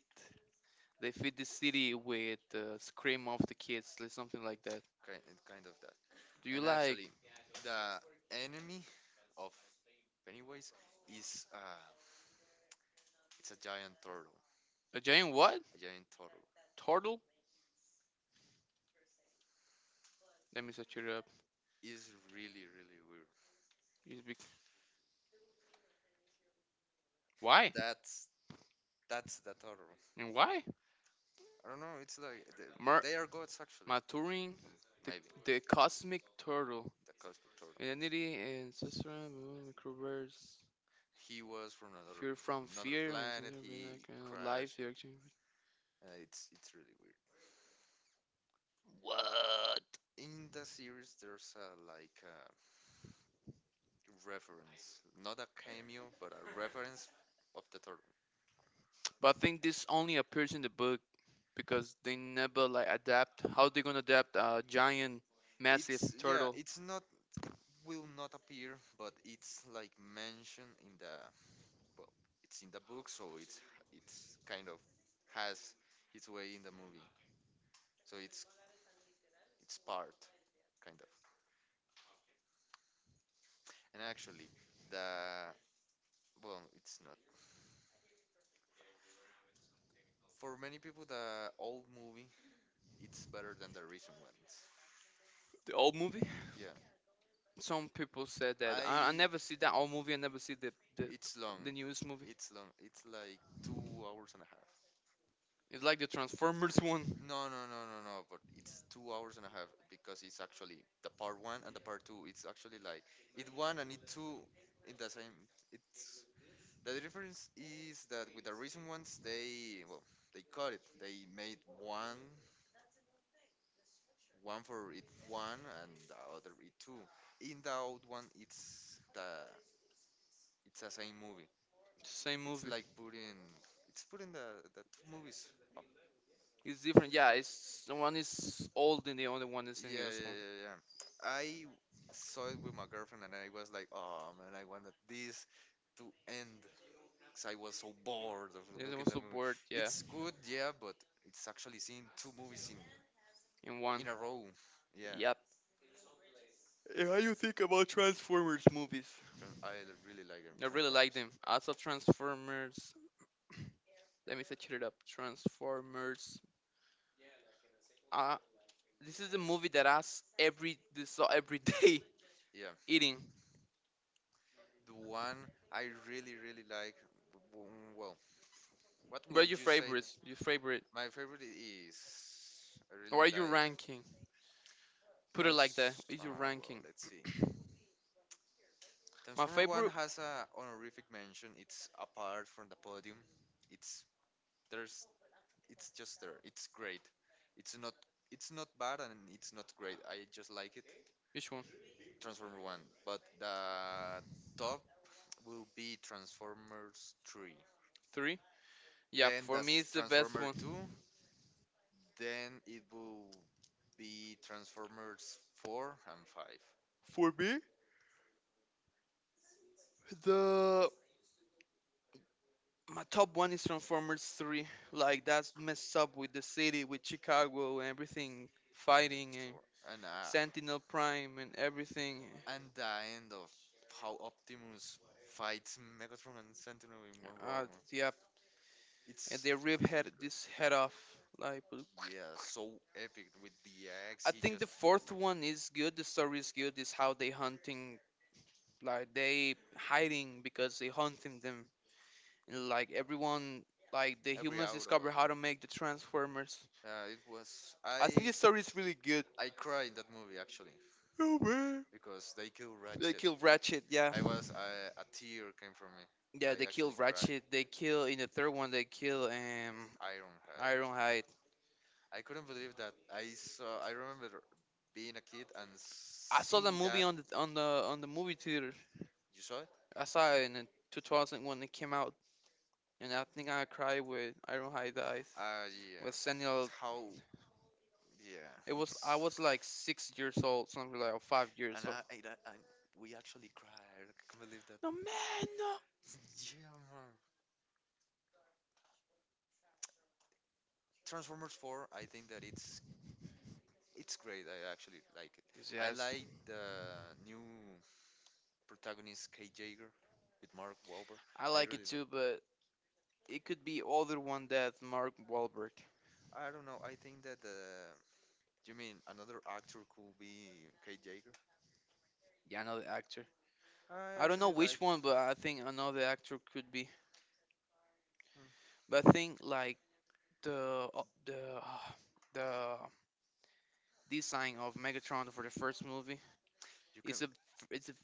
B: the city with the scream of the kids, like something like that.
A: Kind, kind of that.
B: Do you
A: And
B: like
A: actually, the enemy of Pennywise is it's a giant turtle.
B: a giant what?
A: A giant turtle
B: Turtle? Let me search it up.
A: is really really weird.
B: It's big. Why?
A: That's that's the turtle.
B: And why?
A: I don't know. It's like the,
B: Mer-
A: they are gods actually.
B: Maturing
A: Um,
B: the,
A: Maybe
B: the cosmic turtle.
A: the cosmic turtle.
B: Identity and Cicero, microverse.
A: He was from another
B: Fear from
A: another
B: fear and
A: planet.
B: Cicero, like,
A: He
B: life.
A: crashed
B: The
A: and
B: action-
A: it's really weird.
B: What?
A: In the series there's a like a reference, not a cameo, but a reference of the turtle.
B: But I think this only appears in the book because they never like adapt. How they gonna adapt a giant, massive
A: It's yeah,
B: turtle?
A: it's not will not appear, but it's like mentioned in the well, it's in the book, so it's kind of has its way in the movie. So it's part kind of. And actually, the well, it's not for many people the old movie it's better than the recent ones.
B: The old movie.
A: Yeah.
B: Some people said that
A: I
B: I never see that old movie. I never see
A: it's long.
B: the newest movie.
A: It's long. It's like 2 hours and a half.
B: It's like the Transformers one.
A: No, no, no, no, no. But it's 2 hours and a half because it's actually the part one and the part two. It's actually like it one and it two in the same. It's the difference is that with the recent ones they well they cut it. They made one one for it one and the other it two. In the old one it's the same movie.
B: It's the same
A: It's
B: movie.
A: like putting it's putting the two movies up.
B: It's different. Yeah, it's the one is old and the other one is the
A: Yeah,
B: newest
A: yeah,
B: one.
A: yeah, yeah. I saw it with my girlfriend and I was like, oh man, I wanted this to end because I was so bored of
B: There's
A: looking the
B: also
A: movie.
B: bored, yeah,
A: It's good, yeah, but it's actually seeing two movies
B: in one.
A: in a row. Yeah,
B: Yep. And how you think about Transformers movies?
A: Tran- I really like it.
B: I really
A: Transform.
B: like them. Also Transformers. Let me search it up. Transformers. Uh, this is the movie that asks every this so every day
A: Yeah,
B: eating.
A: the one I really really like. W- w- Well, what
B: What are
A: would
B: your
A: you say?
B: favorites? Your favorite?
A: My favorite is I
B: Or are
A: really like
B: your ranking? Put it like that.
A: Trans.
B: Is your
A: Ah, well,
B: ranking?
A: let's see.
B: My
A: Transformer One
B: favorite.
A: has a honorific mention. It's apart from the podium. It's there's it's just there. It's great. It's not it's not bad and it's not great. I just like it.
B: Which one?
A: Transformer One, but the top will be Transformers Three.
B: Three. Yeah,
A: Then
B: for me
A: that's
B: it's the best
A: Transformer
B: one.
A: Two, then it will be Transformers 4 and 5.
B: For me, the my top one is Transformers 3. Like that's messed up with the city, with Chicago and everything,
A: And the
B: fighting and
A: sword. And uh,
B: Sentinel Prime and everything.
A: and the end of how Optimus fights Megatron and Sentinel in one row.
B: Uh, yeah, and
A: It's
B: they
A: really
B: rip head
A: great.
B: this head off. Like,
A: Yeah, so epic with the axe.
B: I
A: He
B: think the
A: just
B: fourth one is good. The story is good. Is how they hunting, like they hiding because they hunting them. And, like everyone, like the
A: every
B: humans
A: out of
B: discover how to
A: it.
B: make the Transformers.
A: It was
B: I think the story is really good.
A: I cried in that movie actually,
B: Oh man.
A: because they kill they
B: They
A: Ratchet.
B: kill Ratchet, yeah.
A: I was I, a tear came from me.
B: Yeah, they
A: I
B: kill
A: actually cried.
B: Ratchet. They kill in the third one. They kill
A: Ironhide.
B: Ironhide.
A: I couldn't believe that I saw. I remember being a kid and
B: I
A: saw
B: saw
A: see
B: that movie
A: that.
B: on the movie theater.
A: You saw it?
B: I saw it in the 2000 when it came out, and I think I cried with Ironhide dies.
A: Yeah.
B: With
A: With
B: Samuel,
A: how? Yeah,
B: it was
A: it's.
B: I was like 6 years old, something like or 5 years
A: And
B: old.
A: I, we actually cried. I can't believe that.
B: No man, no.
A: Yeah, man. Transformers 4. I think that it's great. I actually like it.
B: This
A: I
B: yes,
A: like the new protagonist Kate Jager with Mark Wahlberg.
B: I
A: I
B: like it
A: really like.
B: too, but it could be other one that Mark Wahlberg.
A: I don't know. I think that the you mean another actor could be Kate Jager.
B: Yeah, another actor.
A: I
B: I don't know
A: actually like.
B: which one, but I think another actor could be.
A: Mm,
B: But I think like the the design of Megatron for the first movie
A: you can.
B: it's a it's a,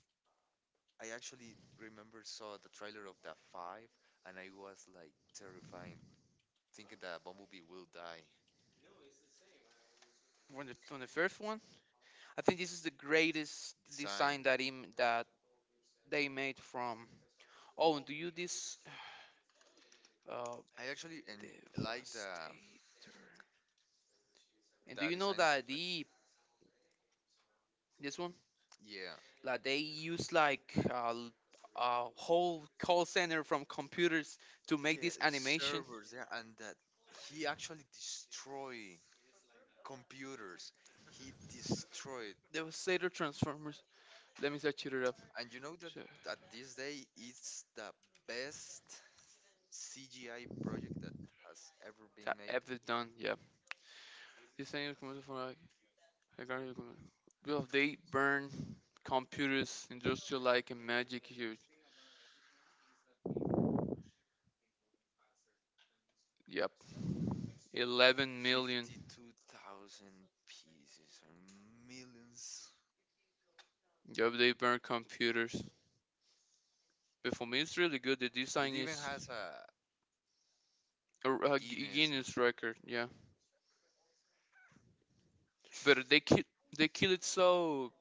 A: I actually remember saw the trailer of the five, and I was like terrifying, thinking that Bumblebee will die.
B: from the first one. I think this is the greatest
A: Design.
B: design that him that they made from. Oh, and do you this uh
A: I actually and like
B: Devastator? And do
A: the
B: you know
A: design of
B: that the this one
A: the. Yeah.
B: like they use like a whole call center from computers to
A: Yeah,
B: make this animation?
A: servers, yeah, and that he actually destroy computers. He destroyed,
B: Devastator Transformers. Let me search it up.
A: and you know that at this day it's the best CGI project that has ever been
B: That
A: made.
B: ever done. Yeah. These things come for like regarding the commercial. Well, they burn computers industrial like a magic huge. Yep. 11 million.
A: 52,000 pieces and millions.
B: Yep. They burn computers. But for me, it's really good. The
A: It
B: design
A: even
B: is
A: has a
B: a
A: Guinness.
B: Guinness
A: Yeah.
B: record. Yeah. But they kill it so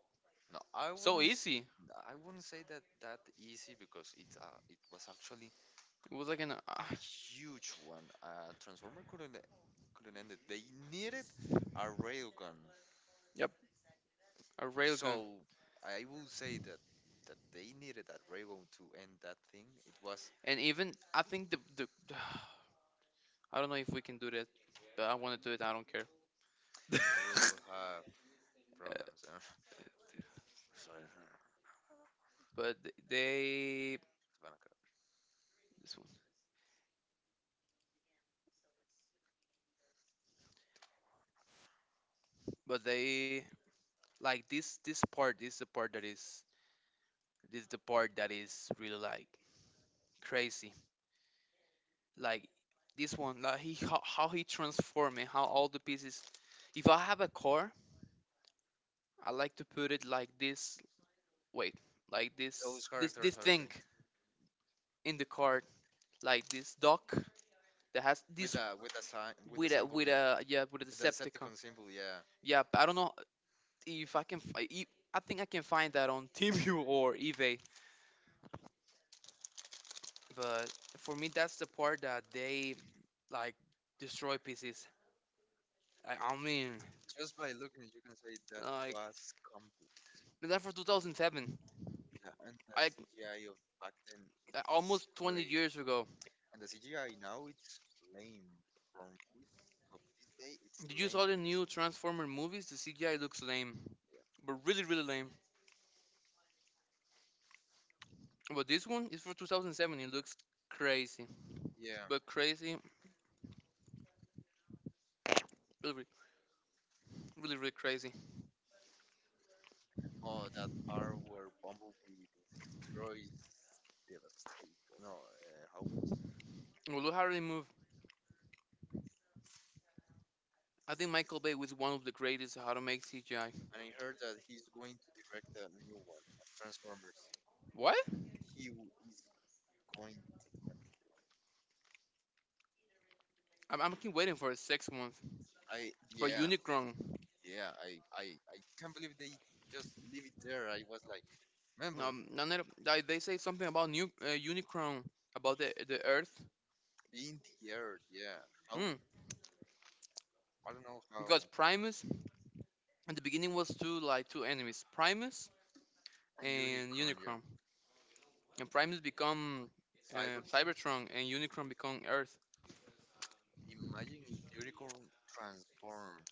A: No, I
B: so
A: wouldn't. S-
B: easy.
A: I wouldn't say that that easy because it it was actually
B: It was like an
A: a huge one. Transformer couldn't end it. They needed a railgun.
B: yep a railgun.
A: So I will say that that they needed that railgun to end that thing. It was
B: And even I think the I don't know if we can do that, but I want to do it. I don't care
A: we will have problems. Sorry,
B: but they
A: Hanukkah.
B: this one. But they like this part is the part that is this the part that is really like crazy like this one like he how he transformed and how all the pieces if I have a car I like to put it like this wait like
A: Those
B: this
A: characters are
B: thing
A: great.
B: in the car like this dock that has this
A: With a sign with a
B: with a
A: symbol, yeah.
B: yeah with a
A: With the
B: decepticon
A: Decepticon symbol, yeah.
B: yeah but I don't know if I can I think I can find that on Timu or eBay. But for me, that's the part that they like destroy pieces. I mean,
A: Just by looking, you can say that
B: like
A: was complex.
B: that for 2007,
A: Yeah, and the
B: I
A: CGI of back then
B: I-
A: was
B: almost 20
A: great.
B: years ago.
A: And the CGI now it's lame. From with of this day it's
B: Did you
A: lame
B: saw the
A: with the
B: new Transformer movies? The CGI looks lame, but really really lame. But this one is for 2007. It looks crazy,
A: yeah.
B: but crazy, really really crazy.
A: Oh that part where Bumblebee destroys Devastator. No, how was?
B: Well, look how they move. I think Michael Bay was one of the greatest how to make CGI.
A: And I heard that he's going to direct a new one of Transformers.
B: What?
A: He w- is going to do a new one.
B: I'm keep waiting for a 6 month
A: I
B: for
A: yeah,
B: Unicron.
A: yeah, I I can't believe they just leave it there. I was like, remember
B: And it, like, they say something about new Unicron about the Earth.
A: being the Earth, yeah. How
B: Hmm.
A: I don't know how
B: Because
A: a
B: Primus at the beginning was two like two enemies, Primus and
A: unicorn, yeah.
B: Unicron. And Primus become
A: Cybertron.
B: Cybertron, and Unicron become Earth.
A: Imagine if unicorn transform.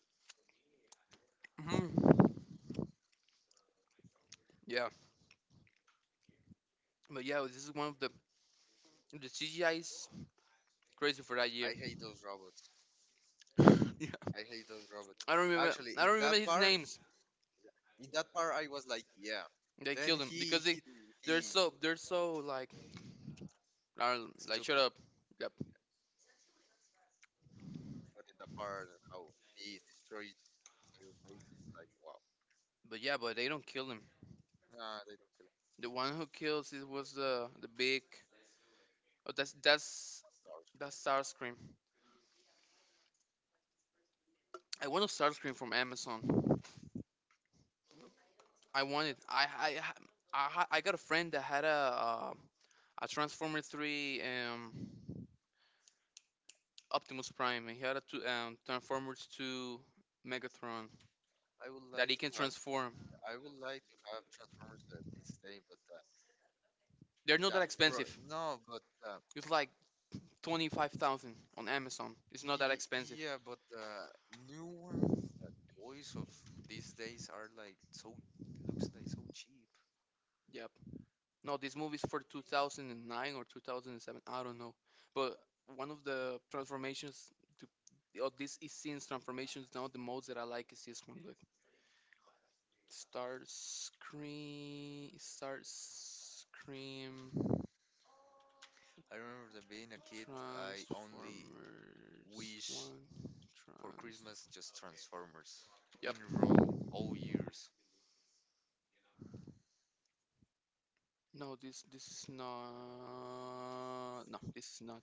B: Hmm. Yeah. But yeah, this is one of the CGI is crazy for that year.
A: I hate those robots.
B: Yeah.
A: I hate those robots.
B: I don't remember.
A: Actually,
B: I don't remember his names.
A: in that part, I was like, yeah.
B: They
A: Then
B: killed him
A: he
B: because
A: he he
B: they're so like are, like shut
A: stupid.
B: up. Yep.
A: But in the part how he destroys their faces, like wow.
B: But yeah, but they don't kill him.
A: Nah, they don't kill
B: The one who kills it was the big. Oh, that's
A: stars.
B: Starscream. I want a Starscream from Amazon. I want it. I got a friend that had a Transformer three Optimus Prime. And he had a two Transformers two Megatron
A: I would
B: that
A: like
B: he can
A: to have
B: transform.
A: I would like to have Transformers at this thing, but
B: They're not that
A: that bro,
B: expensive.
A: no, but
B: It's like 25,000 on Amazon. It's
A: y-
B: not that expensive.
A: yeah, but new ones, the toys of these days are like so looks like so cheap.
B: Yeah. No, this movie is for 2009 or 2007. I don't know. But one of the transformations to or this is scene's transformations now the most that I like is this one. Look, Star Scream, Star Scream,
A: I remember that being a kid, I only
B: Transformers
A: wish
B: One,
A: for
B: Trans.
A: Christmas just Transformers
B: Yep.
A: in row all years.
B: No, this is not. No, this is not.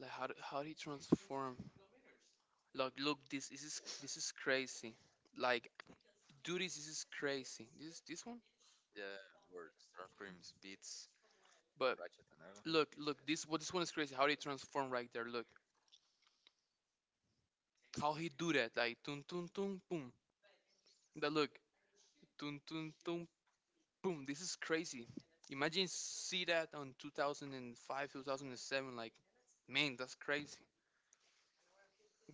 B: Like how do- how he transform? Look, look. This this is crazy. Like dude, this is crazy. This one?
A: Yeah, words, Transformers, Beats,
B: But
A: Ratchet and Iron.
B: look, look, this what this one is crazy. How they transform right there. Look. How he do that. Like tun tun tun boom. That look. Tun tun tun boom. This is crazy. Imagine see that on 2005, 2007 like man, that's crazy.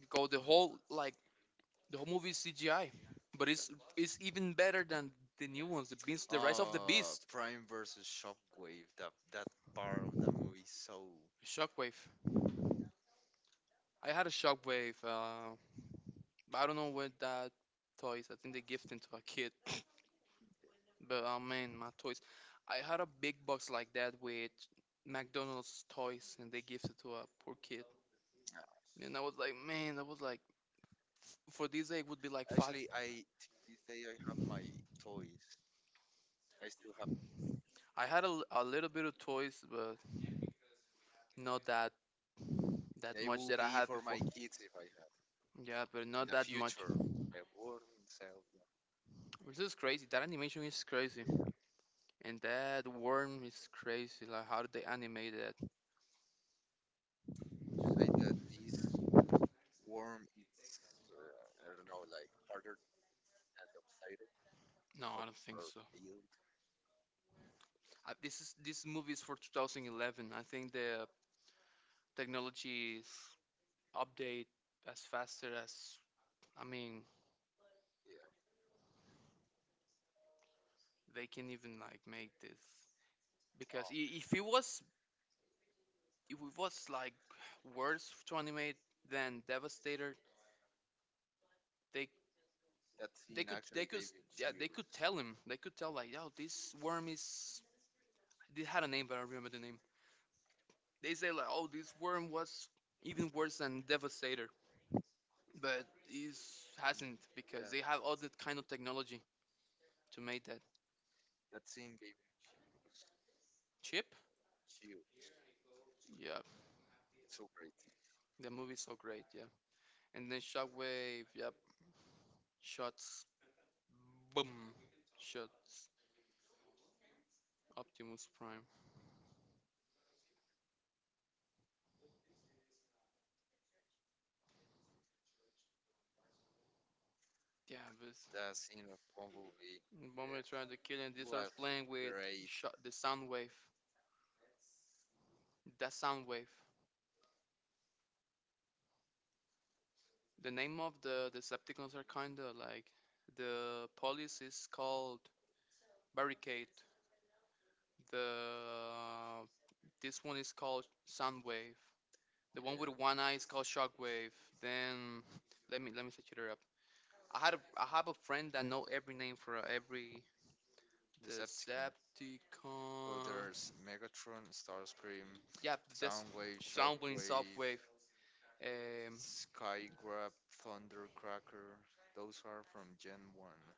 B: Go the whole like the whole movie is CGI, but it's even better than the new ones. The beast, the Rise of the Beast.
A: Prime versus Shockwave. That part of the movie so.
B: Shockwave. I had a shockwave. But I don't know where that toys. I think they gift them to a kid. But oh man, my toys. I had a big box like that with McDonald's toys, and they gifted to a
A: Uh,
B: poor kid. And I was like, man, that was like, for this egg would be like five.
A: Actually, I to this day I have my toys. I still have them.
B: I had a, l- a little bit of toys, but not that that
A: They
B: much
A: will
B: that I
A: be
B: had
A: for
B: before.
A: my kids if I have
B: Yeah, but
A: in
B: not
A: the
B: that much.
A: future. I won't sell them.
B: Which is crazy. That animation is crazy,
A: Yeah.
B: and that worm is crazy. Like, how did they animate that?
A: Say that this worm is uh, I don't know, like harder than the potato
B: No, I don't think
A: or
B: so.
A: build.
B: This is this movie is for 2011. I think the technology is update as faster as I mean
A: Yeah.
B: they can even like make this because if it was if it was like worse to animate than Devastator, they
A: That scene
B: they
A: actually
B: could,
A: gave you
B: yeah, they could tell
A: chills.
B: him. They could tell like, yo, this worm is, they had a name, but I don't remember the name. They say like, oh, this worm was even worse than Devastator, but it
A: And
B: hasn't because they have all
A: yeah,
B: that kind of technology to make that
A: that scene gave you
B: chip.
A: chills.
B: Yeah,
A: It's so great.
B: the movie's so great. Yeah, and then Shockwave. Yep, shots, boom, shots. Optimus Prime. Yeah, but
A: That scene of Bumblebee,
B: the moment trying to kill
A: yeah,
B: him, they starts
A: was
B: playing with
A: great.
B: shot the sound wave. That sound wave. The name of the Decepticons are kinda like the police is called Barricade. The This one is called Soundwave. The one with one eye is
A: Yeah,
B: called Shockwave. Then let me set it up. I have a friend that know every name for every
A: Decepticon.
B: Decepticon.
A: Oh, there's Megatron, Starscream,
B: Yeah, that's
A: Soundwave,
B: Soundwing,
A: Shockwave,
B: Softwave. Um,
A: Skygrab, Thundercracker. Those are from Gen 1.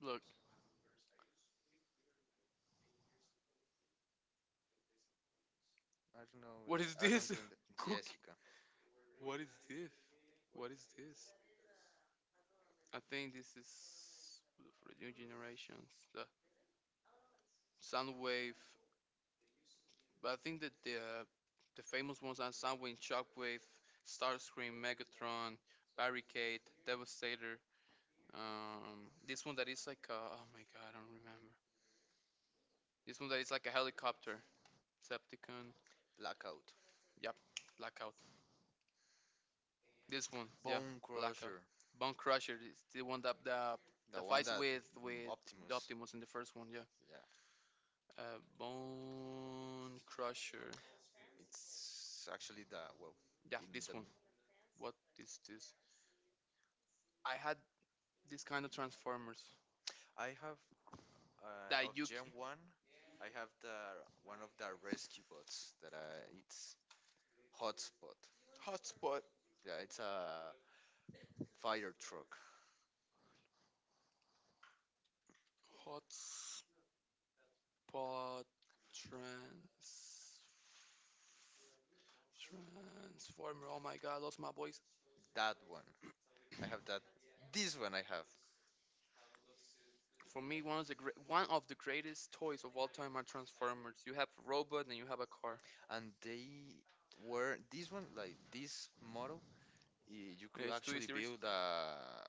B: Look,
A: I don't know.
B: what
A: That.
B: is
A: I don't
B: this?
A: think that.
B: Cookie.
A: Jessica.
B: What is this? What is this? I think this is for the new generations. The Soundwave. But I think that the famous ones are Soundwave, Shockwave, Starscream, Megatron, Barricade, Devastator. This one that is like a, oh my god, I don't remember. This one that is like a helicopter, Septicon.
A: Blackout.
B: Yep, Blackout. This one, yeah,
A: Bone
B: Blackout.
A: Crusher.
B: Bone Crusher is the one that
A: The
B: that,
A: one
B: fights
A: that,
B: with with
A: Optimus.
B: Optimus in the first one, yeah.
A: Yeah.
B: Bone Crusher.
A: It's actually the well
B: Yeah,
A: in the
B: this one. What is this? I had this kind of Transformers
A: I have of
B: that
A: Gen One. I have the one of the rescue bots that it's Hotspot.
B: Hotspot.
A: Yeah, it's a fire truck.
B: Hotspot trans Transformer. Oh my god, I lost my voice.
A: That one. I have that. This one I have.
B: For me, one of the greatest toys of all time are Transformers. You have a robot and you have a car.
A: And they were this one like this model. You
B: Yeah,
A: could
B: it's two
A: actually
B: series.
A: build a.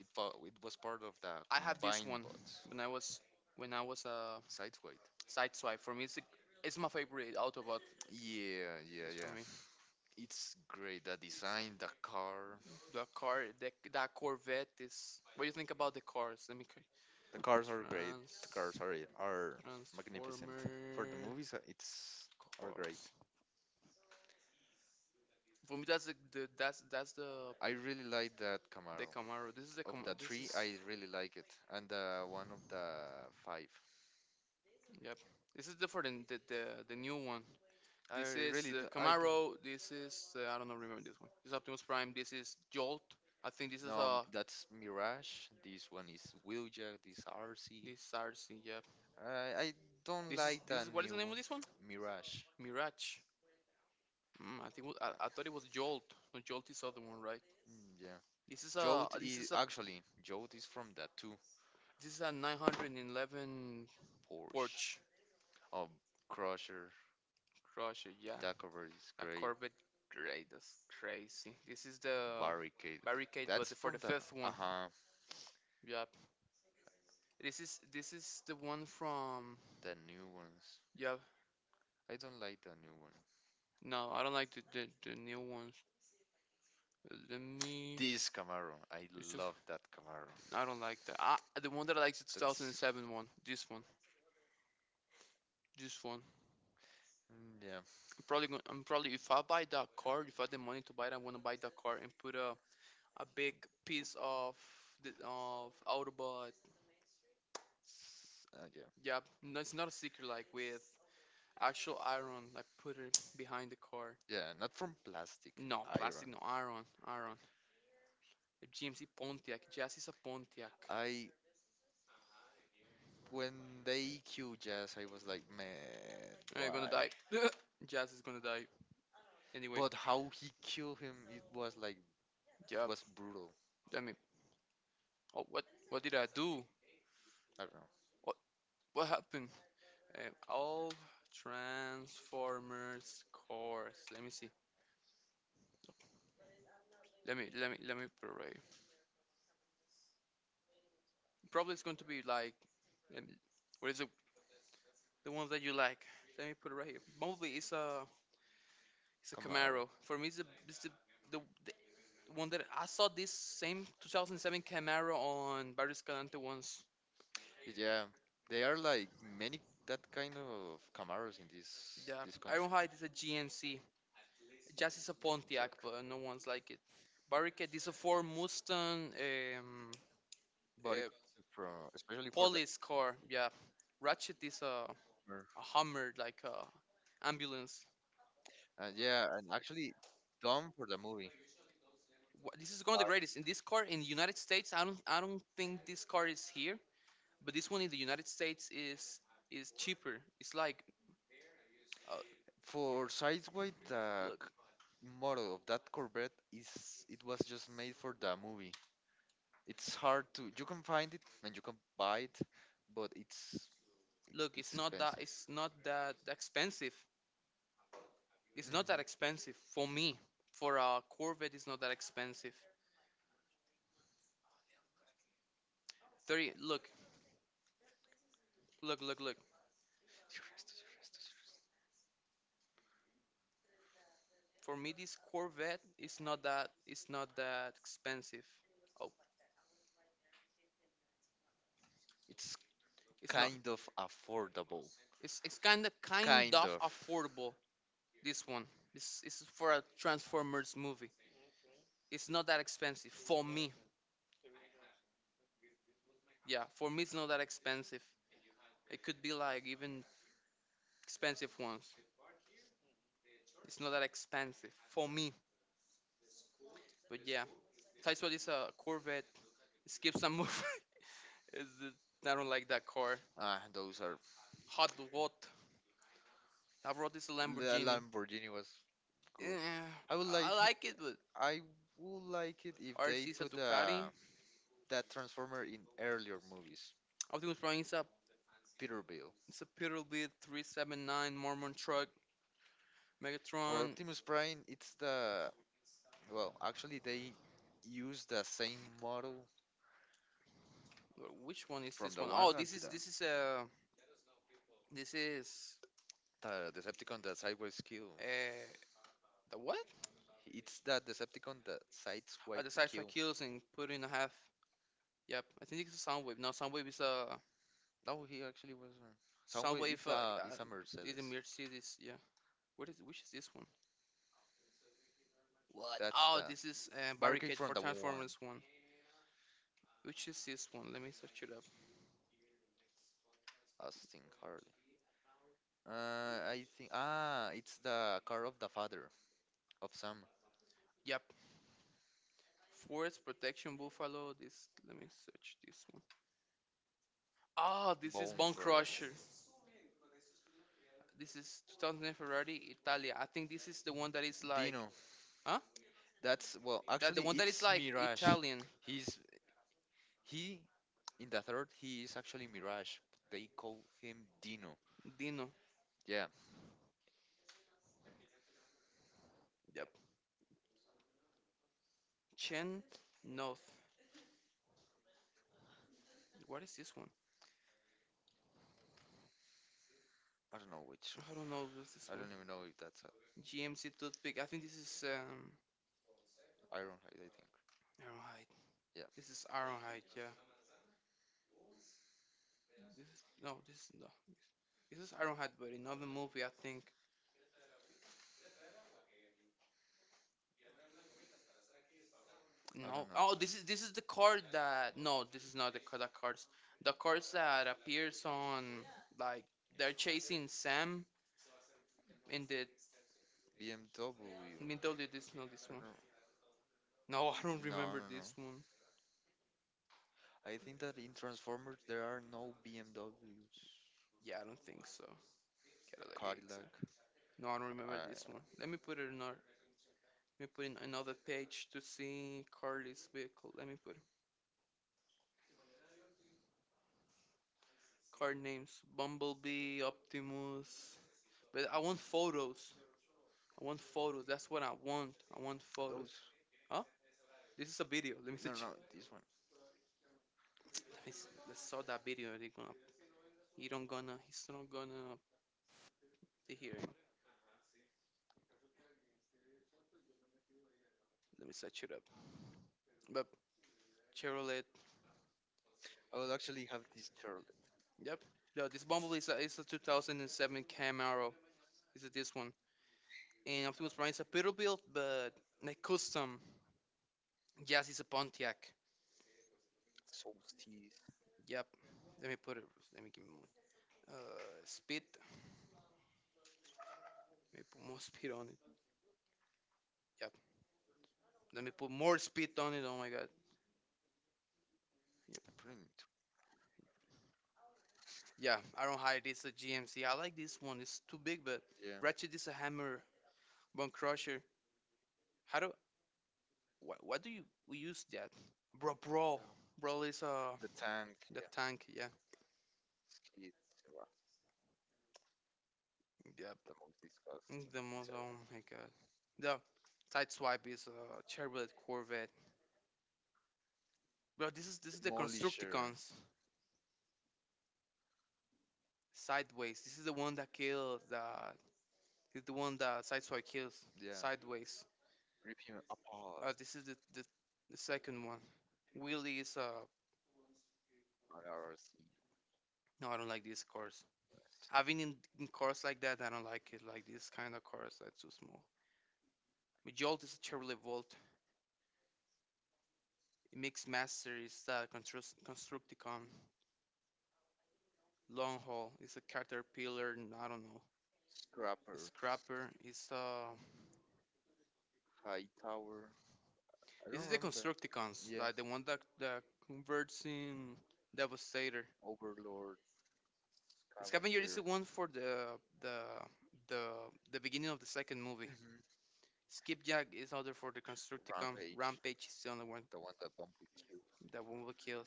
A: It was part of the
B: I have this
A: combined
B: one
A: bots.
B: when I was when I was a
A: Sideweight.
B: side swipe. For me, it's a, it's my favorite Autobot.
A: Yeah, yeah,
B: It's for
A: yeah.
B: me.
A: It's great. The design, the car.
B: The car, the, that Corvette is. What do you think about the cars? Let me.
A: The cars are great. The cars
B: Trans
A: are are magnificent. For the
B: Transformer.
A: movies, it's are great.
B: Course. For me, that's the that's
A: I really like that
B: the
A: Camaro.
B: Camaro. This is the
A: Of the
B: Camaro. This
A: three,
B: is,
A: I really like it, and one of the five.
B: yep. This is different than the new one.
A: I
B: This is
A: really,
B: the
A: I don't.
B: Camaro. This is, I don't know. Remember this one. This is Optimus Prime. This is Jolt. I think this is
A: No, that's Mirage. This one is Wheeljack. This RC.
B: this RC. Yeah.
A: I don't
B: This is
A: like
B: this
A: that
B: is what is
A: new
B: the name
A: one.
B: of this one?
A: Mirage.
B: Mirage. I think it was- I thought it was Jolt. No, Jolt is the other one, right?
A: Mm, yeah.
B: This is a
A: Jode
B: this
A: is
B: is a
A: actually Jode is from that too.
B: this is a 911
A: Porsche.
B: Porsche.
A: Oh, Crusher.
B: Crusher. Yeah.
A: That cover is
B: A
A: great.
B: Corvette. Great, that's crazy.
A: This
B: This
A: is
B: is
A: the
B: the
A: Barricade. Barricade was
B: barricade, but
A: that's the
B: for the
A: from the first.
B: fifth
A: Uh
B: one.
A: huh,
B: Yep. This is the one from.
A: the new ones.
B: Yep.
A: I don't like the new one.
B: No, I don't like the new ones. Let
A: Let me.
B: me.
A: This Camaro, I
B: It's the f-
A: love that Camaro. The
B: I don't like that. Ah, the
A: one
B: one that
A: that
B: I
A: I
B: like
A: like
B: is the
A: that's two
B: 2007 one. This one. This one.
A: thousand seven. Mm, yeah,
B: I'm probably going. I'm probably, if I buy that car, if I have the money to buy it, I'm gonna buy that car and put a big piece of the of Autobot.
A: yeah,
B: Yep. No, it's not a sticker like with actual iron, like put it behind the car.
A: yeah. Not from plastic, no,
B: No,
A: that's iron.
B: plastic, no,
A: From
B: iron, iron. A GMC Pontiac. Jazz is a Pontiac.
A: iron. Iron. I when they killed Jazz, I was like, man,
B: I'm gonna
A: why?
B: die. Jazz is gonna die. Anyway,
A: But how he killed him, it was like it
B: yep.
A: was brutal.
B: I mean, oh, what did I do?
A: I don't know.
B: What, what happened? All Transformers cars. Let me see. Let me put it right here. Probably it's going to be like, let me, what is it? The ones that you like. Let me put it right here. Mostly it's a
A: Camaro.
B: Camaro. For me, it's it's the one that I saw, this same 2007 Camaro on Barrio Escalante once.
A: Yeah, they are like many that kind of Camaros in this
B: Yeah,
A: this country.
B: Ironhide is not hide. A GNC. Just is a
A: Yeah.
B: Pontiac, but no one's like it. Barricade is a Ford Mustang,
A: Body
B: uh,
A: from especially for the
B: police car. Yeah, Ratchet is a, a
A: summer.
B: Hummer, like a ambulance.
A: And yeah, and actually done for the movie.
B: This is one of the greatest. In this car in the United States, I don't think this car is here, but this one in the United States is cheaper. It's like, uh,
A: For Sideway,
B: look,
A: model of that Corvette is it was just made for the movie. It's hard to you can find it and you can buy it, but it's expensive.
B: it's not that expensive. It's not that expensive for me. For a corvette, it's not that expensive. 30, look, for me, this corvette is not that it's not that expensive. Oh,
A: It's
B: it's not,
A: kind of affordable.
B: it's, it's kind of affordable. This one, this is for a transformers movie. It's not that expensive for me. Yeah, for me it's not that expensive. It could be like even expensive ones. It's not that expensive for me. But yeah, Taiswa is a Corvette. Skip some move. It's just- I don't like that car.
A: Ah, those are.
B: Hot Rod. Hot Rod is a
A: The
B: Lamborghini.
A: Lamborghini was good.
B: Eh,
A: I would like.
B: I like it, but
A: I would like it if they
B: RC is a
A: put
B: Ducati.
A: that Transformer in earlier movies.
B: Optimus Prime is a,
A: Peterbilt.
B: it's a Peterbilt 379 Mormon truck.
A: For
B: Megatron.
A: Optimus Prime, it's the well. Actually, they use the same model
B: Which one is
A: from
B: this
A: the
B: one? Oh,
A: one hand to the
B: this is this is,
A: the Decepticon that sideways kill.
B: uh the what?
A: It's that Decepticon that
B: The
A: sideways
B: Sideswipe
A: kill.
B: kills and put in a half. Yep, I think it's a Soundwave. No, Soundwave is a
A: No, he actually was a Soundwave
B: Soundwave.
A: is a is a
B: Is a
A: Mercedes.
B: Mercedes. Yeah. What is Which is this one? What?
A: That's
B: Oh,
A: the
B: this is,
A: barricade
B: Barricade
A: from
B: for
A: the one.
B: Transformers 1. Which is this one? Let me search it up.
A: Austin Harley. I think ah, it's the car of the father of Sam.
B: Yep. Forest Protection Buffalo. This. Let me search this one. Oh, this is
A: Bone
B: Bone
A: crushing.
B: Crusher. This is 2000 Ferrari Italia. I think this is the one that is like.
A: Dino.
B: Huh?
A: That's well, that
B: That the
A: actually,
B: one that is
A: it's
B: like
A: Mirage.
B: Italian.
A: He's he in the third. He is actually Mirage. They call him Dino.
B: Dino.
A: Yeah,
B: Yep. Chen North. What is this one?
A: I don't know which.
B: I don't know. What's
A: I
B: this one?
A: don't even know if that's a
B: GMC Toothpick. I think this is,
A: Ironhide. I think.
B: Ironhide.
A: Yeah,
B: This is Ironhide. Yeah. This is no. This is no. This is Iron Hat, not the movie I think.
A: I Oh,
B: No.
A: don't know.
B: Oh, this is the card that. No, this is not the card. The cards. The cards that appears on like they're chasing Sam in the
A: BMW.
B: middle. Of this not this one.
A: Don't.
B: No, I don't
A: No,
B: remember
A: no, no.
B: this one.
A: I think that in Transformers there are no BMWs.
B: Yeah, I don't think so. Cadillac Elixir.
A: Cadillac.
B: No, I don't remember this one.
A: I,
B: Let me put it in our. Let me put in another page to see Carly's vehicle. Let me put card names: Bumblebee, Optimus. But I want photos. I want photos. That's what I want. I want photos.
A: those.
B: Oh, this is a video. Let me see.
A: No, no, no. This one.
B: Let me. Let's saw that video. They gonna. He don't gonna. He's not gonna be here. Let me search it up. But Chevrolet.
A: I will actually have this shirt.
B: Yep. No, this Bumblebee is a 2007 Camaro. Is it this one? And Optimus Prime is a Peterbilt, but like custom. Yes, it's a Pontiac.
A: So teeth.
B: Yep. Let me put it. Let me give him. Uh, Speed. Let me put more speed on it. Yep. Let me put more speed on it. Oh my God. Yep.
A: I'm putting it.
B: Yeah, I don't hide. Is a GMC. I like this one. It's too big, but
A: Yeah.
B: Ratchet is a hammer, bone crusher. How do, what? What do you we use that? Bro, brawl. Brawl is
A: The tank.
B: the
A: Yeah.
B: tank. Yeah,
A: Skid. Wow,
B: yep.
A: the most
B: Mm,
A: disgusting.
B: the most. Oh
A: Design.
B: my god. The side swipe is a Chevrolet Corvette. Bro, this is the
A: Demolisher.
B: Constructicons. Sideways. This is the one that kills. The This is the one that side swipe kills.
A: Yeah.
B: Sideways.
A: Rip him apart.
B: This is the second one. Wheelie is
A: IRC.
B: no, I don't like these cars. Having in cars like that, I don't like it. Like this kind of cars, that's too small. My Jolt is a Chevrolet Volt. It makes masteries that construct Constructicon, Long Haul. It's a Caterpillar, and I don't know. It's
A: Scrapper.
B: Scrapper. It's
A: High Tower. I
B: This
A: don't
B: is the
A: remember that.
B: Constructicons,
A: Yeah.
B: like the one that converts in Devastator.
A: Overlord.
B: Scavenger is the
A: Scavenger.
B: one for the the the beginning of the second movie.
A: Hmm.
B: Skipjack is other for the Constructicon.
A: Rampage.
B: Rampage is the only one
A: The one that Bumblebee killed.
B: that one will kill.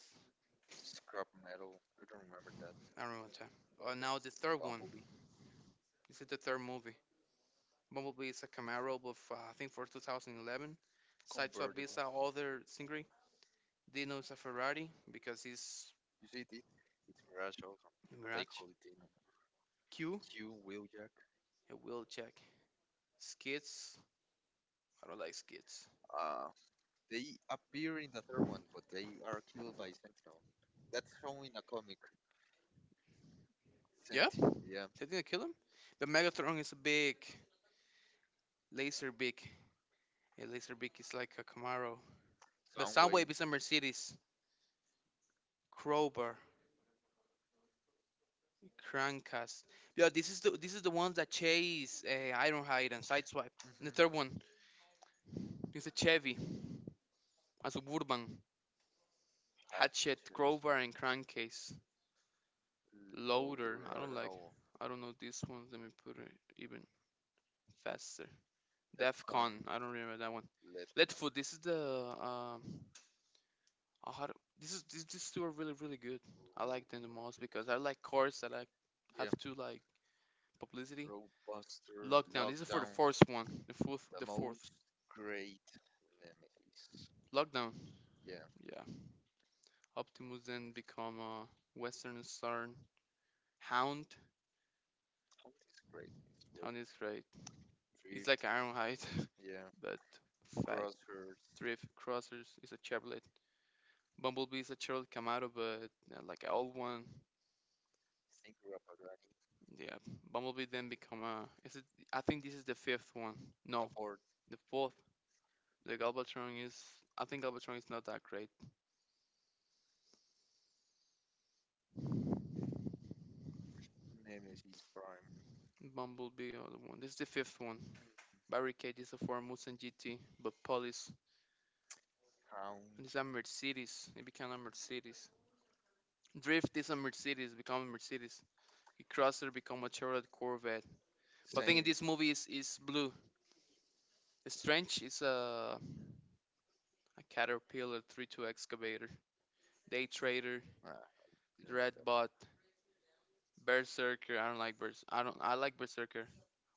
A: Scrap metal. I don't remember that.
B: I don't remember the time.
A: But
B: Now the
A: that
B: third one.
A: Bumblebee.
B: This is the third movie. Bumblebee is a Camaro, but I think for 2011. Sideswipe
A: Convertible.
B: is a other Stingray. Dino is a Ferrari because he's
A: You see it? It's garage also. But I
B: Mirage.
A: call it
B: Q,
A: Q, Wheeljack.
B: a wheeljack. Skids, I don't like skids.
A: Uh, they appear in the third one, but they are killed by Sentinel. That's shown in a comic. Yeah.
B: Yeah,
A: Sentinel, yeah,
B: they didn't kill him. But Megatron is a big laser beak. A laser beak is like a Camaro. But Soundwave
A: Soundwave.
B: is a Mercedes. Crowbar, Crankcast. Yeah, this is the ones that chase, Ironhide and Sideswipe. And the third
A: Mm-hmm.
B: one is a Chevy, a Suburban,
A: Had
B: Hatchet, Crowbar,
A: ships.
B: and Crankcase. Loader. I
A: Loader. I
B: don't
A: don't
B: like.
A: know.
B: I don't know these ones. Let me put it even faster.
A: Defcon,
B: Defcon. I don't remember that one.
A: Lead,
B: Letfoot. This is the Uh, how do- this is these two are really good. I like them the most because I like cars that I have
A: yeah,
B: to like publicity.
A: Roadbuster,
B: Lockdown. This is for the
A: Lockdown,
B: first one. The fourth.
A: the
B: The fourth.
A: most great enemies.
B: Lockdown.
A: Yeah,
B: Yeah. Optimus then become a Western Star Hound.
A: Hunt is great. It's great.
B: Hound is great. He's like
A: Drift,
B: Ironhide,
A: yeah.
B: but fat.
A: Crosshairs,
B: Thrift Crossers is a Chevrolet. Bumblebee is a Chevrolet Camaro, but like an old one.
A: Singer Pagani.
B: Yeah. Bumblebee then become a. Is it? I think this is the fifth one.
A: The
B: No,
A: fourth,
B: the fourth. The Galvatron is. I think Galvatron is not that great.
A: Nemesis Prime,
B: Bumblebee, other one. This is the fifth one. Barricade is a Ford Mustang GT, but police.
A: Hound,
B: And it's a Mercedes. It became a Mercedes. Drift is a Mercedes, become a Mercedes. A Crosser become a Chevrolet Corvette. But I think in
A: Zane.
B: this movie is blue. Strange is a Caterpillar 3-2 excavator. Day Trader,
A: Ah, didn't like that.
B: Dreadbot, Berserker. I don't like Bers. I don't. I like Berserker.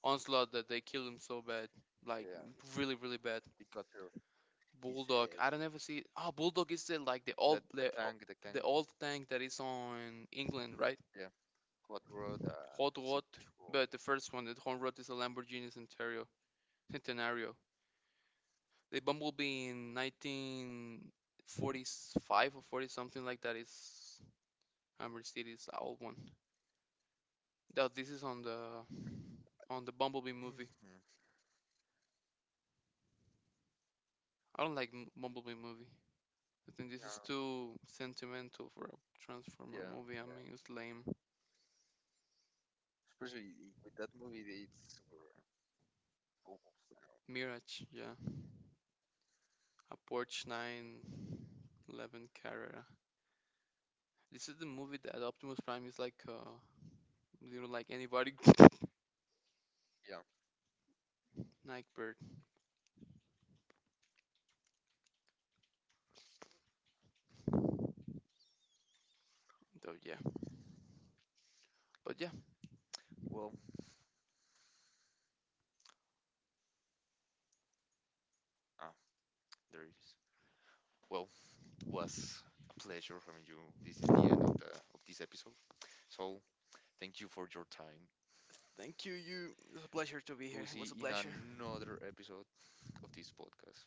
B: Onslaught that they kill him so bad, like
A: Yeah,
B: really bad.
A: he cut her his
B: Bulldog.
A: head.
B: I don't ever see. Oh, Bulldog is the like the
A: The
B: old
A: tank, the tank.
B: the old tank that is on England, right?
A: Yeah, what road?
B: Hot Rod.
A: Citro.
B: But the first one, the Hot Rod is a Lamborghini Centurion. Centenario. The Bumblebee in 1945 or 40 something like that is Hammer Mercedes old one. Now this is on the Bumblebee movie.
A: Mhm.
B: I don't like Bumblebee movie. I think this
A: Yeah,
B: is too sentimental for a Transformer
A: yeah.
B: movie. I mean, it's lame.
A: Especially with that movie, it's super almost.
B: Mirage, yeah. A Porsche 911 Carrera. This is the movie that Optimus Prime is like, you know, like anybody.
A: Yeah.
B: Nightbird. So yeah. But yeah,
A: Well, ah, there is. Well, was a pleasure having you. This is the end of the of this episode. So thank you for your time.
B: thank you. You. It was a pleasure to be here.
A: We'll
B: It
A: see
B: was a
A: in
B: pleasure.
A: another episode of this podcast.